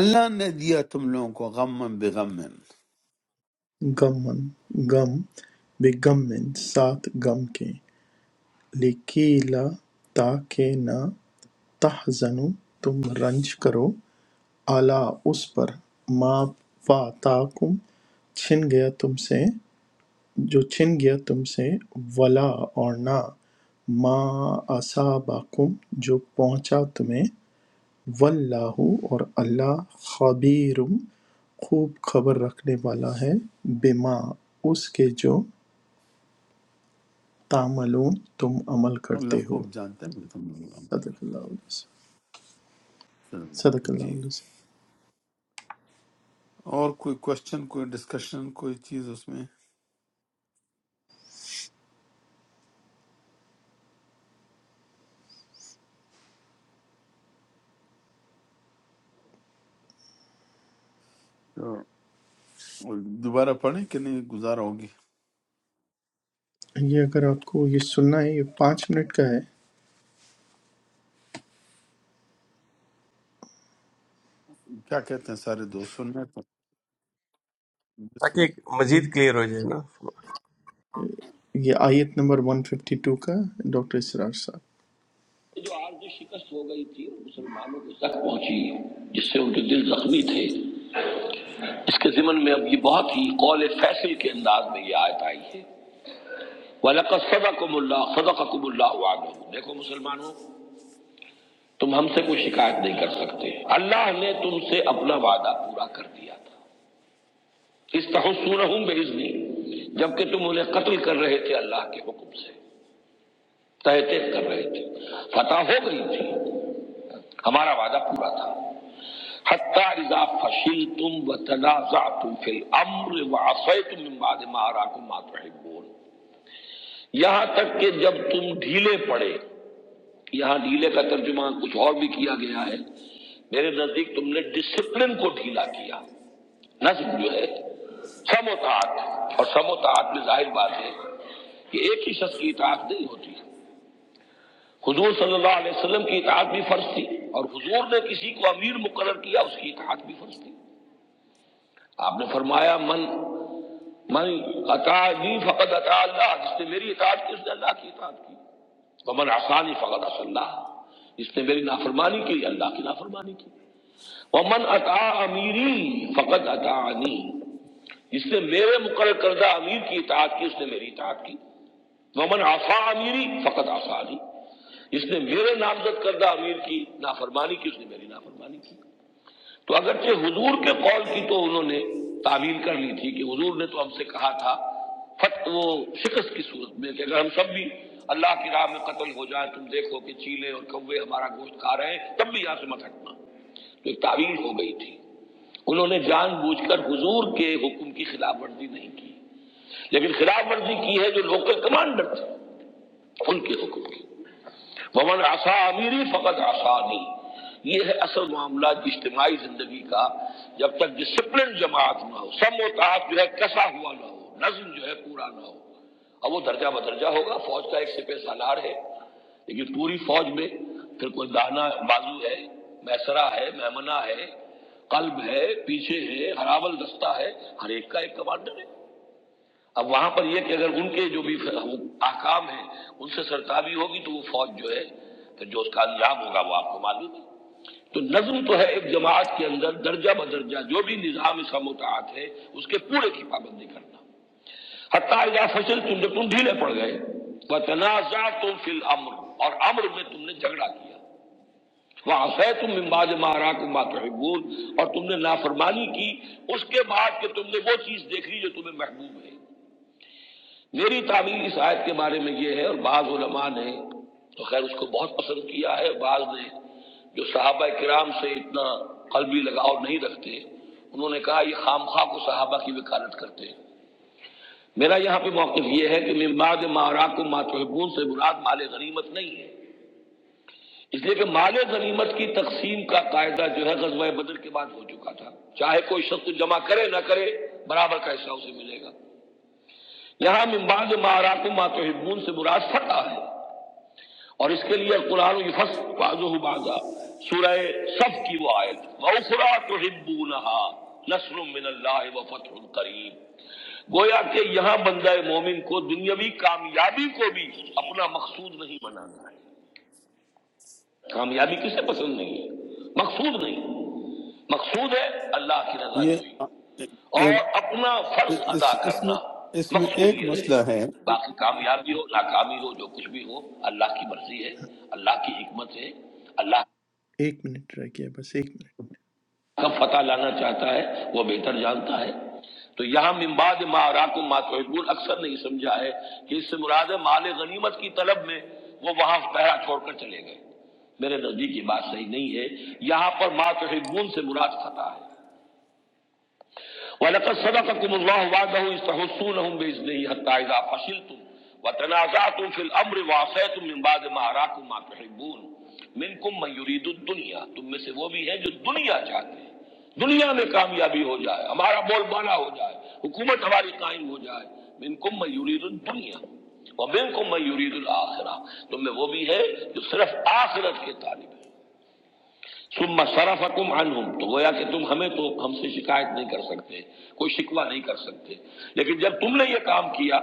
A: اللہ نے دیا تم لوگوں کو غم بغم
B: غمن غم بِغَمٍّ ساتھ غم کے لِكِيلَ تاکہ نہ تحزنوا تم رنج کرو اعلیٰ اس پر ما فاتاکم چھن گیا تم سے جو چھن گیا تم سے ولا اور نہ ما اصابکم جو پہنچا تمہیں واللہ اور اللہ خبیرم خوب خبر رکھنے والا ہے بما اس کے جو تعملون تم عمل
A: اللہ
B: کرتے ہو
A: خوب جانتا ہے کہ تم لوگ غم
B: صدق اللہ
A: کرتے
B: علیہ وسلم. صدق
A: ہو۔
B: اللہ
A: جی
B: علیہ وسلم.
A: اور کوئی کوشچن کوئی ڈسکشن کوئی چیز اس میں تو دوبارہ پڑھیں کہ نہیں گزارا ہوگی
B: یہ اگر آپ کو یہ سننا ہے یہ پانچ منٹ کا ہے
A: کیا کہتے ہیں سارے دوست سننا ہے تو بسم
E: تاکہ ایک
A: اللہ۔
E: مزید کلیئر ہو جائے نا
B: یہ آیت نمبر 152 کا ہے، ڈاکٹر اسرار صاحب جو آرز شکست ہو گئی تھی اور مسلمانوں کو زخم پہنچی جس سے ان کے دل زخمی تھے اس کے ضمن میں اب یہ بہت ہی قول فیصل کے انداز میں یہ آیت آئی ہے وَلَقَدْ صَدَقَكُمُ اللَّهُ صَدَقَكُمُ اللَّهُ وَعْدَهُ دیکھو مسلمانوں تم ہم سے کوئی شکایت نہیں کر سکتے اللہ نے تم سے اپنا وعدہ پورا کر دیا تھا اس تحسونہم بِإِذْنِ جبکہ تم انہیں قتل کر رہے تھے اللہ کے حکم سے تہ تیز کر رہے تھے فتح ہو گئی تھی ہمارا وعدہ پورا تھا حتی اذا فشلتم وتنازعتم فی الامر وعصیتم من بعد ما اراکم ما تحبون یہاں تک کہ جب تم ڈھیلے پڑے یہاں ڈھیلے کا ترجمہ کچھ اور بھی کیا گیا ہے میرے نزدیک تم نے ڈسپلن کو ڈھیلا کیا نظم جو ہے سموتاعت اور سموتاعت میں ظاہر بات ہے کہ ایک ہی شخص کی اطاعت نہیں ہوتی حضور صلی اللہ علیہ وسلم کی اطاعت بھی فرض تھی اور حضور نے کسی کو امیر مقرر کیا اس کی اطاعت بھی فرض تھی آپ نے فرمایا من من عطا جی فقط عطا اللہ جس نے میری اطاعت کی اس نے اللہ کی اطاعت کی ومن آسانی فقط عصى اللہ جس نے میری نافرمانی کی اللہ کی نافرمانی کی ومن عطا امیری فقط عطانی جس نے میرے مقرر کردہ امیر کی اطاعت کی اس نے میری اطاعت کی ومن آفا امیری فقط آسانی اس نے میرے نامزد کردہ امیر کی نافرمانی کی اس نے میری نافرمانی کی تو اگرچہ حضور کے قول کی تو انہوں نے تعمیل کر لی تھی کہ حضور نے تو ہم سے کہا تھا فت وہ شکست کی صورت میں کہ اگر ہم سب بھی اللہ کی راہ میں قتل ہو جائیں تم دیکھو کہ چیلے اور کوے ہمارا گوشت کھا رہے ہیں تب بھی یہاں سے مت ہٹنا تو ایک تعویل ہو گئی تھی انہوں نے جان بوجھ کر حضور کے حکم کی خلاف ورزی نہیں کی لیکن خلاف ورزی کی ہے جو لوکل کمانڈر تھے ان کے حکم کی ومن آسا امیری فقط آسانی یہ ہے اصل معاملہ اجتماعی زندگی کا جب تک ڈسپلن جماعت نہ ہو سم و تعاق جو ہے کسا ہوا نہ ہو نظم جو ہے پورا نہ ہو اب وہ درجہ بدرجہ ہوگا فوج کا ایک سپہ سالار ہے لیکن پوری فوج میں پھر کوئی دانا بازو ہے میسرا ہے میمنا ہے قلب ہے پیچھے ہے ہراول دستہ ہے ہر ایک کا ایک کمانڈر ہے اب وہاں پر یہ کہ اگر ان کے جو بھی احکام ہیں ان سے سرتابی ہوگی تو وہ فوج جو ہے تو جو اس کامیاب ہوگا وہ آپ کو معلوم ہے تو نظم تو ہے ایک جماعت کے اندر درجہ بدرجہ جو بھی نظام اس کا متعد ہے اس کے پورے کی پابندی کرنا حتیٰ اذا فصل تم جب تم ڈھیلے پڑ گئے وتنازع تم فی الامر اور امر میں تم نے جھگڑا کیا وعصیتم تم بعد ما اراکم ما تحبون اور تم نے نافرمانی کی اس کے بعد کہ تم نے وہ چیز دیکھ لی جو تمہیں محبوب ہے میری تعبیر اس آیت کے بارے میں یہ ہے اور بعض علماء نے تو خیر اس کو بہت پسند کیا ہے بعض نے جو صحابہ کرام سے اتنا قلبی لگاؤ نہیں رکھتے انہوں نے کہا یہ خام خواہ کو صحابہ کی وکالت کرتے ہیں میرا یہاں پہ موقف یہ ہے کہ من بعد مارا کو ماتحبون سے مراد مال غنیمت نہیں ہے اس لیے کہ مال غنیمت کی تقسیم کا قاعدہ جو ہے غزوہ بدر کے بعد ہو چکا تھا چاہے کوئی شخص جمع کرے نہ کرے برابر کا حصہ اسے ملے گا یہاں من بعد مارا کو ماتحبون سے مراد فتح ہے اور اس کے لیے قرآن یفس بازو بازا سورہ صف کی وہ آیت وَأُخْرَى تُحِبُّونَهَا نصر من اللہ و فتح قریب گویا کہ یہاں بندہ مومن کو دنیاوی کامیابی کو بھی اپنا مقصود نہیں بنانا ہے کامیابی کسے پسند نہیں ہے مقصود نہیں مقصود ہے اللہ کی رضا جوئی
A: یہ
B: اور اپنا فرض ادا
A: اس اس
B: کرنا
A: میں اس میں
B: مقصود
A: ایک
B: یہ
A: مسئلہ
B: رہے
A: ہے
B: باقی کامیابی ہو ناکامی ہو جو کچھ بھی ہو اللہ کی مرضی ہے اللہ کی حکمت ہے اللہ ایک منٹ رہ گیا بس ایک منٹ کا فتح لانا چاہتا ہے وہ بہتر جانتا ہے تو یہاں من بعد ما راکم ما تحبون اکثر نہیں سمجھا ہے کہ اس سے مراد ہے مال غنیمت کی طلب میں وہ وہاں پہرا چھوڑ کر چلے گئے میرے نزدیک یہ بات صحیح نہیں ہے یہاں پر ما تحبون سے مراد فتح ہے وَلَقَدْ صَدَقَكُمُ اللَّهُ وَعْدَهُ إِذْ تَحُسُّونَهُمْ بِإِذْنِهِ حَتَّى إِذَا فَشِلْتُمْ وَتَنَازَعْتُمْ فِي الْأَمْرِ وَعَصَيْتُمْ مِنْ بَعْدِ مَا أَرَاكُمْ مَا تُحِبُّونَ مِنْكُمْ مَنْ يُرِيدُ الدُّنْيَا تم میں سے وہ بھی ہیں جو دنیا چاہتے ہیں دنیا میں کامیابی ہو جائے ہمارا بول بالا ہو جائے حکومت ہماری قائم ہو جائے مِنْكُمْ مَنْ يُرِيدُ الدُّنْيَا وَمِنْكُمْ مَنْ يُرِيدُ الْآخِرَةَ تم میں وہ بھی ہے جو صرف آخرت کے طالب ثم صرفکم عنہم تو گویا کہ تم ہمیں تو ہم سے شکایت نہیں کر سکتے کوئی شکوہ نہیں کر سکتے لیکن جب تم نے یہ کام کیا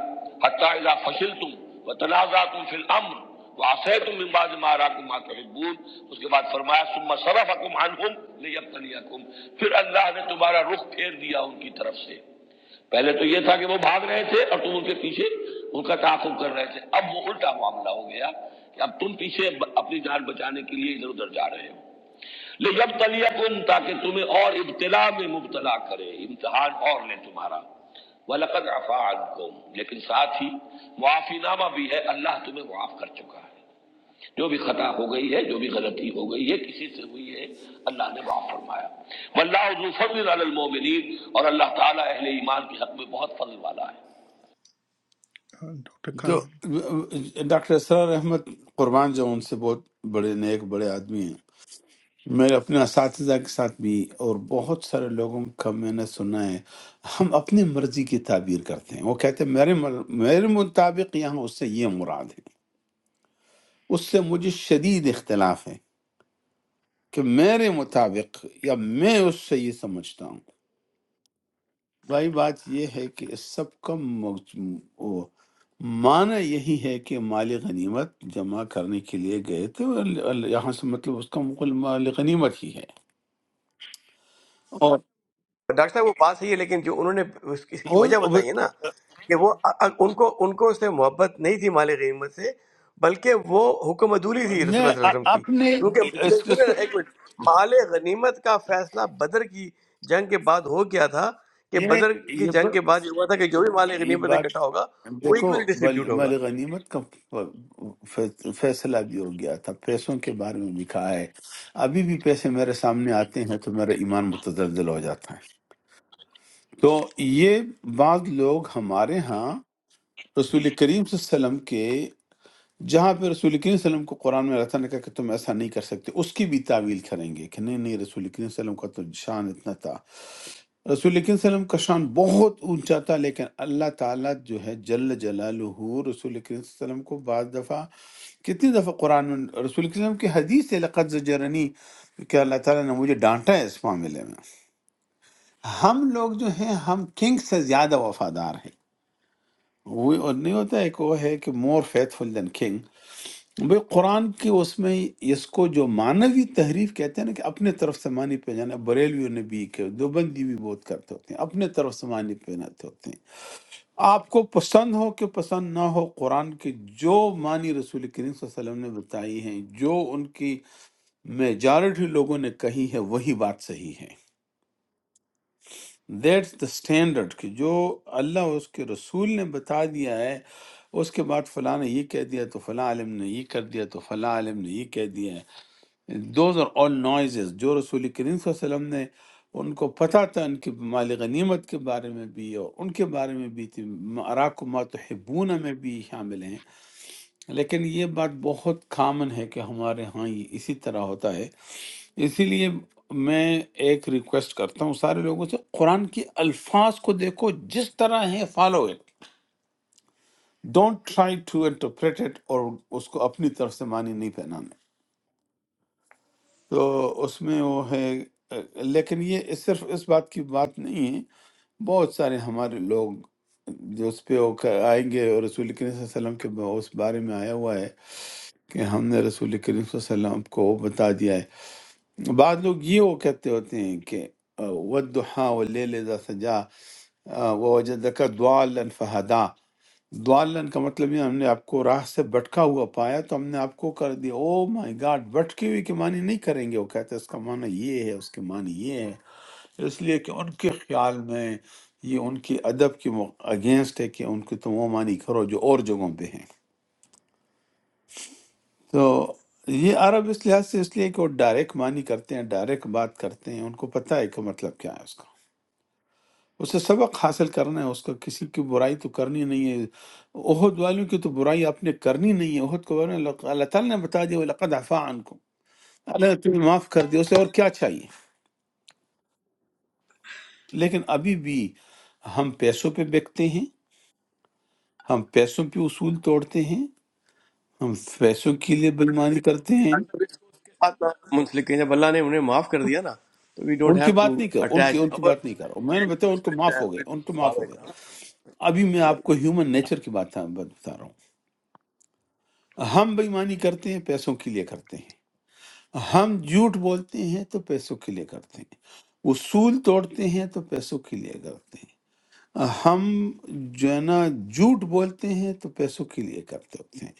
B: حتی اذا فشلتم وتنازعتم فی الامر وعصیتم من بعد ما اراکم ما تحبون اس کے بعد فرمایا ثم صرفکم عنہم لیبتلیکم پھر اللہ نے تمہارا رخ پھیر دیا ان کی طرف سے پہلے تو یہ تھا کہ وہ بھاگ رہے تھے اور تم ان کے پیچھے ان کا تعاقب کر رہے تھے اب وہ الٹا معاملہ ہو گیا کہ اب تم پیچھے اپنی جان بچانے کے لیے ادھر ادھر جا رہے ہو جب تلیا کن تاکہ تمہیں اور ابتلا میں مبتلا کرے امتحان اور لے تمہارا ولقد عفا عنکم لیکن ساتھ ہی معافی نامہ بھی ہے اللہ تمہیں معاف کر چکا ہے جو بھی خطا ہو گئی ہے جو بھی غلطی ہو گئی ہے کسی سے ہوئی ہے اللہ نے معاف فرمایا واللہ ذو فضل علی المؤمنین اور اللہ تعالی اہل ایمان کے حق میں بہت فضل والا ہے ہاں، ڈاکٹر
A: جو
B: خان
A: ڈاکٹر اسرار احمد قربان جو ان سے بہت بڑے نیک بڑے آدمی ہیں میرے اپنے اساتذہ کے ساتھ بھی اور بہت سارے لوگوں کا میں نے سنا ہے ہم اپنی مرضی کی تعبیر کرتے ہیں وہ کہتے ہیں میرے مل- میرے مطابق یہاں اس سے یہ مراد ہے اس سے مجھے شدید اختلاف ہے کہ میرے مطابق یا میں اس سے یہ سمجھتا ہوں بھائی بات یہ ہے کہ اس سب کا موج- وہ معنی یہی ہے کہ مال غنیمت جمع کرنے کے لیے گئے تھے اور ال- ال- یہاں سے مطلب اس کا مقل مال غنیمت ہی ہے اور
E: ڈاکٹر صاحب وہ بات صحیح ہے لیکن جو انہوں نے اس اس کی
A: اور-
E: وجہ بتائی ہے
A: اور-
E: نا کہ وہ ان کو ان کو اس سے محبت نہیں تھی مال غنیمت سے بلکہ وہ حکم عدولی تھی رسول
A: میں
E: اللہ صلی اللہ علیہ وسلم
A: اپ-
E: کی
A: اپنے اس
E: کیونکہ
A: اس
E: سنیں
A: کو
E: نا، ایک منٹ مال غنیمت کا فیصلہ بدر کی جنگ کے بعد ہو گیا تھا کہ
A: یہ
E: بدر کی
A: یہ
E: جنگ
A: ب-
E: کے بعد یہ ہوا تھا کہ جو بھی مال
A: یہ
E: غنیمت
A: بات
E: اکٹھا ہوگا وہ
A: دیکھو
E: ایکولی
A: بل-
E: ڈسٹریبیوٹ ہوگا
A: مال غنیمت کا ف- فیصلہ بھی ہو گیا تھا پیسوں کے بارے میں بھی کہا ہے ابھی بھی پیسے میرے سامنے آتے ہیں تو میرا ایمان متزلزل ہو جاتا ہے تو یہ بعض لوگ ہمارے ہاں رسول کریم صلی اللہ علیہ وسلم کے جہاں پہ رسول کریم صلی اللہ علیہ وسلم کو قرآن میں اللہ تعالیٰ نے کہا کہ تم ایسا نہیں کر سکتے اس کی بھی تعویل کریں گے کہ نہیں نہیں رسول کریم صلی اللہ علیہ وسلم کا تو شان اتنا تھا رسول کریم صلی اللہ علیہ وسلم کا شان بہت اونچا تھا لیکن اللہ تعالیٰ جو ہے جل جلالہ رسول کریم صلی اللہ علیہ وسلم کو بعض دفعہ کتنی دفعہ قرآن میں رسول کریم صلی اللہ علیہ وسلم کی حدیث ہے لقد زجرنی کہ اللہ تعالیٰ نے مجھے ڈانٹا ہے اس معاملے میں ہم لوگ جو ہیں ہم کنگ سے زیادہ وفادار ہیں وہ اور نہیں ہوتا ہے کہ وہ ہے کہ مور فیتھ فل دین کنگ بھئی قرآن کی اس میں اس کو جو معنوی تحریف کہتے ہیں نا کہ اپنے طرف سے معنی پہ جانا بریلویوں نے بھی کہ دیوبندی بھی بہت کرتے ہوتے ہیں اپنے طرف سے معنی پہناتے ہوتے ہیں آپ کو پسند ہو کہ پسند نہ ہو قرآن کے جو معنی رسول کریم صلی اللہ علیہ وسلم نے بتائی ہیں جو ان کی میجارٹی لوگوں نے کہی ہے وہی بات صحیح ہے دیٹس دا اسٹینڈرڈ کہ جو اللہ اور اس کے رسول نے بتا دیا ہے اس کے بعد فلاں نے یہ کہہ دیا تو فلاں عالم نے یہ کر دیا تو فلاں عالم نے یہ کہہ دیا ہے دوز آر آل نوائزز جو رسول کریم صلی اللہ علیہ وسلم نے ان کو پتہ تھا ان کے مال غنیمت کے بارے میں بھی اور ان کے بارے میں بھی تھی اراکم ما تحبون میں بھی شامل ہیں لیکن یہ بات بہت کامن ہے کہ ہمارے ہاں یہ اسی طرح ہوتا ہے اسی لیے میں ایک ریکویسٹ کرتا ہوں سارے لوگوں سے قرآن کی الفاظ کو دیکھو جس طرح ہے follow it don't try to interpret it اور اس کو اپنی طرف سے معنی نہیں پہنانا تو اس میں وہ ہے لیکن یہ اس- صرف اس بات کی بات نہیں ہے بہت سارے ہمارے لوگ جو اس پہ وہ آئیں گے اور رسول کریم صلی اللہ علیہ وسلم کے اس بارے میں آیا ہوا ہے کہ ہم نے رسول کریم صلی اللہ علیہ وسلم کو بتا دیا ہے بعض لوگ یہ وہ کہتے ہوتے ہیں کہ ودحا و لیل اذا سجا و وجدک ضالا فہدا ضالا کا مطلب یہ ہم نے آپ کو راہ سے بھٹکا ہوا پایا تو ہم نے آپ کو کر دیا او مائی گاڈ بھٹکی ہوئی کے معنی نہیں کریں گے وہ کہتے ہیں اس کا معنی یہ ہے اس کے معنی یہ ہے اس لیے کہ ان کے خیال میں یہ ان کی ادب کی اگینسٹ ہے کہ ان کے تم وہ معنی کرو جو اور جگہوں پہ ہیں تو یہ عرب اس لحاظ سے اس لیے کہ وہ ڈائریکٹ معنی کرتے ہیں ڈائریکٹ بات کرتے ہیں ان کو پتہ ہے کہ مطلب کیا ہے اس کا اسے سبق حاصل کرنا ہے اس کو کسی کی برائی تو کرنی نہیں ہے عہد والوں کی تو برائی آپ نے کرنی نہیں ہے عہد کو ورنہ لق- اللہ تعالیٰ نے بتا دیا وہ لقد عفا عنکم اللہ نے تمہیں معاف کر دیا اسے اور کیا چاہیے لیکن ابھی بھی ہم پیسوں پہ بکتے ہیں ہم پیسوں پہ اصول توڑتے ہیں ہم پیسوں کے لیے بےمانی کرتے ہیں
E: اچھا، اس کو اس کے ساتھ نہ منسلک ہیں جب اللہ نے انہیں معاف کر دیا نا تو وی ڈونٹ
A: ان کی
E: ہیو
A: بات
E: ٹو
A: نہیں کر ان کی
E: اٹیچ
A: ان کی بات نہیں کر رہا ہوں۔ میں نے بتایا ان کو معاف ہو گئے ان کو معاف ہو گئے ابھی میں آپ کو ہیومن نیچر کی بات ہاں- بات بتا رہا ہوں ہم بےمانی کرتے ہیں پیسوں کے لیے کرتے ہیں ہم جھوٹ بولتے ہیں تو پیسوں کے لیے کرتے ہیں اصول توڑتے ہیں تو پیسوں کے لیے کرتے ہیں ہم جو ہے نا جھوٹ بولتے ہیں تو پیسوں کے لیے کرتے ہوتے ہیں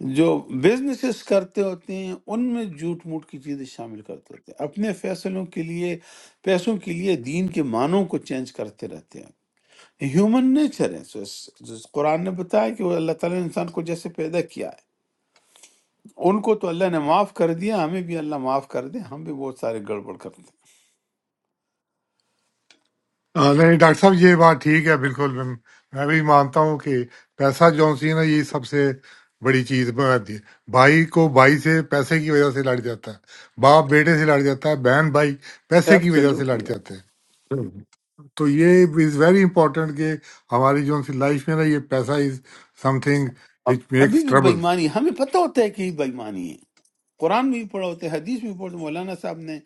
A: جو بزنسز کرتے ہوتے ہیں ان میں جھوٹ موٹ کی چیزیں شامل کرتے ہوتے ہیں اپنے فیصلوں کے لیے پیسوں کے لیے دین کے معنوں کو چینج کرتے رہتے ہیں ہیومن نیچر ہے سو اس- اس قرآن نے بتایا کہ وہ اللہ تعالیٰ نے انسان کو جیسے پیدا کیا ہے ان کو تو اللہ نے معاف کر دیا ہمیں بھی اللہ معاف کر دے ہم بھی بہت سارے گڑبڑ کرتے ہیں
J: हाँ, नहीं डॉक्टर साहब ये बात ठीक है बिल्कुल मैं मैं भी मानता हूँ कि पैसा जौन सी है ना ये सबसे बड़ी चीज बनाती है भाई को भाई से पैसे की वजह से लड़ जाता है बाप बेटे से लड़ जाता है बहन भाई पैसे की वजह से लड़
A: ایبسلیوٹلی
J: जाते हैं हम्म। तो ये इज वेरी इंपॉर्टेंट कि हमारी जो सी लाइफ में ना ये पैसा इज समथिंग
A: اب
J: विच
A: ابھی
J: मेक्स
A: بھی
J: ट्रबल
A: بےمانی ہمیں پتہ ہوتا ہے کہ یہ بےمانی ہے قرآن میں بھی پڑھا ہوتا ہے حدیث میں بھی پڑھا مولانا صاحب نے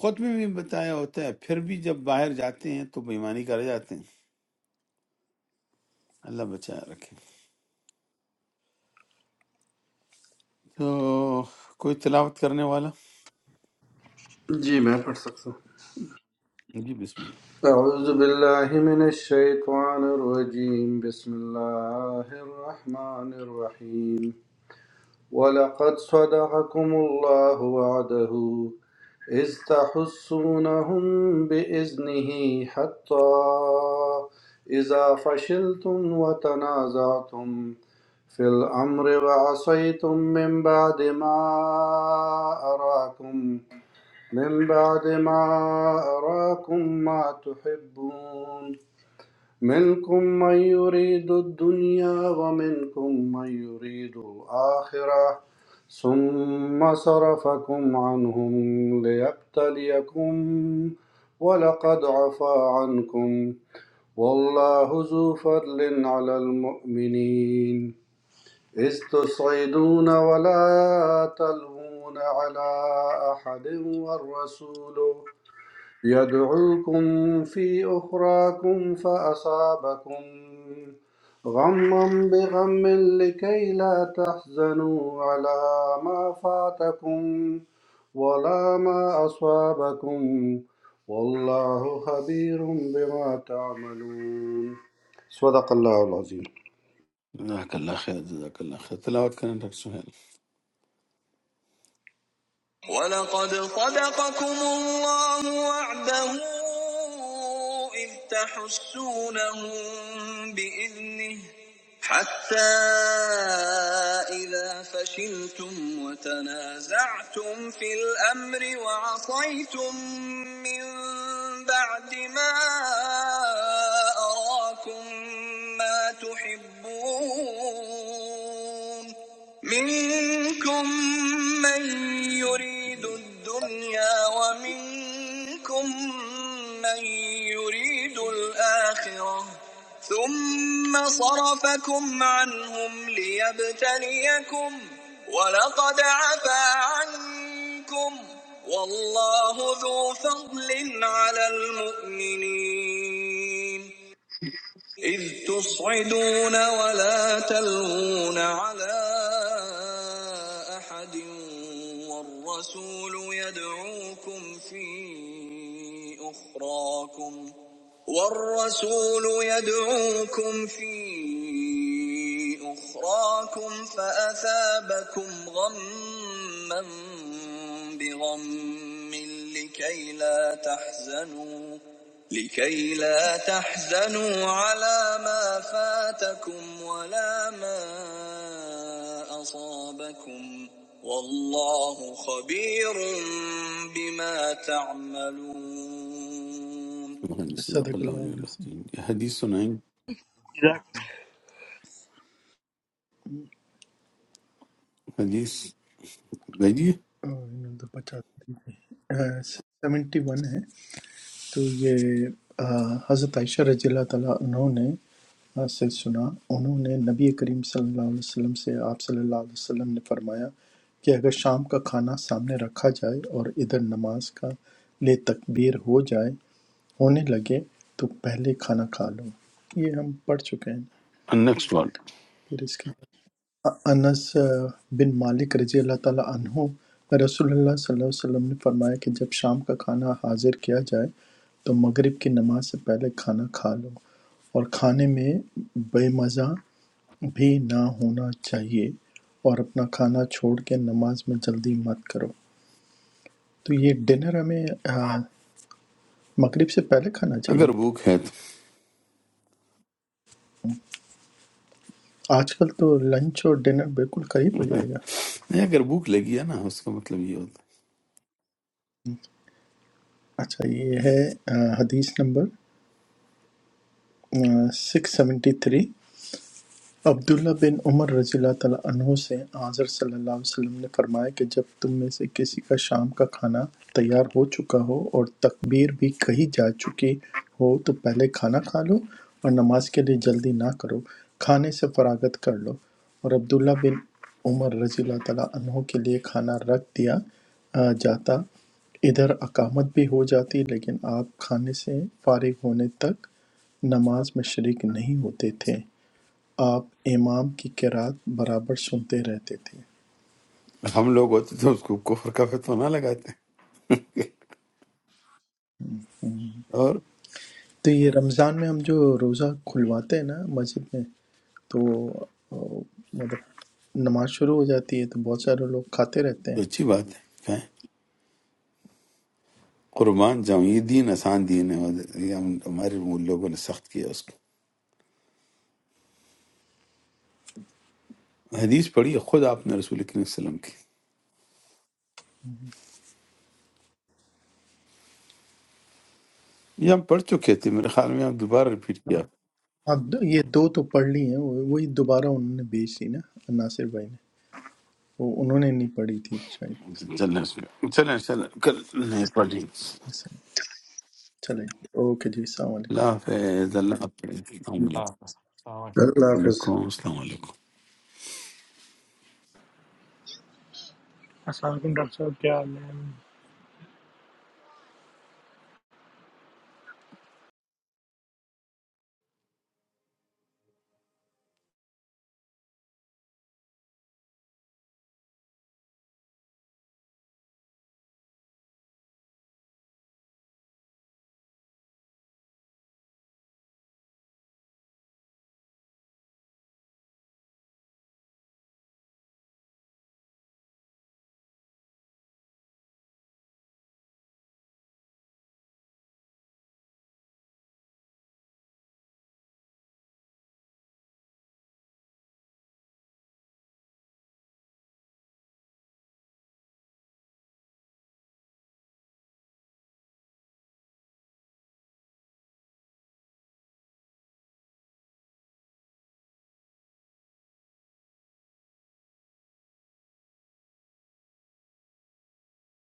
A: خود میں بھی بتایا ہوتا ہے پھر بھی جب باہر جاتے ہیں تو بےمانی کر جاتے ہیں اللہ بچائے رکھے تو کوئی تلاوت کرنے والا
I: الله जी मैं पढ़ सकता हूँ
A: جی بسم اللہ
I: أعوذ بالله من الشيطان الرجيم بسم الله الرحمن الرحيم ولقد صدقكم الله وعده إذ تحسونهم بإذنه حتى إذا فشلتم وتنازعتم في الأمر وعصيتم من بعد ما أراكم من بعد ما أراكم ما تحبون منكم من يريد الدنيا ومنكم من يريد الآخرة ثم صرفكم عنهم ليبتليكم ولقد عفا عنكم والله ذو فضل على المؤمنين إذ تصعدون ولا تلوون على أحد والرسول يدعوكم في أخراكم فأصابكم غما بغم لكي لا تحزنوا على ما فاتكم ولا ما أصابكم والله خبير بما تعملون صدق الله العظيم
A: جزاک اللہ خیر جزاک اللہ خیر تلاوت کریں ڈاکٹر سہیل
B: ولقد صدقكم الله وعده إذ تحسونهم بإذنه حتى إذا فشلتم وتنازعتم في الأمر وعصيتم من بعد ما أراكم ما تحبون منكم من يريد الدنيا ومنكم من يريد الآخرة ثم صرفكم عنهم ليبتليكم ولقد عفا عنكم والله ذو فضل على المؤمنين إذ تصعدون ولا تلوون على أحد والرسول يدعوكم في أخراكم والرسول يدعوكم في أخراكم فأثابكم غما بغم لكي لا تحزنوا لكي لا تحزنوا على ما فاتكم ولا ما أصابكم والله خبير بما تعملون
A: سبحان اللہ، صدق
B: सदक
A: اللہ
B: अल्लाह
A: علیہ
B: नसीम
A: وسلم حدیث سنائیں گے۔
E: اور
A: حدیث بھیجیے
B: और इन दो पचास थी सेवेंटी वन है تو یہ آ، حضرت عائشہ رضی اللہ تعالیٰ عنہ نے آ، سے سنا انہوں نے نبی کریم صلی اللہ علیہ وسلم سے آپ صلی اللہ علیہ وسلم نے فرمایا کہ اگر شام کا کھانا سامنے رکھا جائے اور ادھر نماز کا لے تکبیر ہو جائے ہونے لگے تو پہلے کھانا کھا لو یہ ہم پڑھ چکے ہیں
A: نیکسٹ وارڈ
B: پھر اس کے انس بن مالک رضی اللہ تعالیٰ عنہ رسول اللہ صلی اللہ علیہ وسلم نے فرمایا کہ جب شام کا کھانا حاضر کیا جائے تو مغرب کی نماز سے پہلے کھانا کھا لو اور کھانے میں بے مزہ بھی نہ ہونا چاہیے اور اپنا کھانا چھوڑ کے نماز میں جلدی مت کرو تو یہ ڈنر ہمیں آ، مغرب سے پہلے کھانا چاہیے
A: اگر بھوک ہے تو
B: آج کل تو لنچ اور ڈنر بالکل قریب ہو جائے گا
A: نہیں اگر بھوک لگی ہے نا اس کا مطلب یہ ہوتا
B: اچھا یہ ہے آ، حدیث number six seventy three Abdullah bin Umar رضی اللہ تعالیٰ عنہ سے حضرت صلی اللہ علیہ وسلم نے فرمایا کہ جب تم میں سے کسی کا شام کا کھانا تیار ہو چکا ہو اور تکبیر بھی کہی جا چکی ہو تو پہلے کھانا کھا لو اور نماز کے لیے جلدی نہ کرو کھانے سے فراغت کر لو اور عبداللہ بن عمر رضی اللہ تعالیٰ عنہ کے لیے کھانا رکھ دیا آ، جاتا ادھر اقامت بھی ہو جاتی لیکن آپ کھانے سے فارغ ہونے تک نماز میں شریک نہیں ہوتے تھے آپ امام کی قرأت برابر سنتے رہتے تھے
A: ہے ہم لوگ ہوتے تو اس کو کفر کا فتوہ نہ لگاتے اور
B: تو یہ رمضان میں ہم جو روزہ کھلواتے ہیں نا مسجد میں تو آ، مطلب نماز شروع ہو جاتی ہے تو بہت سارے لوگ کھاتے رہتے ہیں
A: اچھی بات ہے قربان جاؤں یہ دین آسان دین ہے اور یہ ہم- ہمارے لوگوں نے سخت کیا اس کو حدیث پڑھی ہے خود آپ نے رسول کریم صلی اللہ علیہ وسلم کی یہ ہم پڑھ چکے تھے میرے خیال میں آپ دوبارہ ریپیٹ کیا
B: اب دو- یہ دو تو پڑھ لی ہیں وہ- وہی دوبارہ انہوں نے بھیج دی نا ناصر بھائی نے وہ انہوں نے نہیں پڑھی تھی تو شاید
A: چلیں اس میں- چلیں چلیں کل نہیں پڑھی
B: ایسا۔ چلیں اوکے جی السلام
A: اللہ
B: علیکم
A: حافظ اللہ حافظ السلام علیکم
K: Ah, sorry.
I: الله يحفظك.
A: وعلیکم السلام علیکم
L: Asal kun doctor kya hai?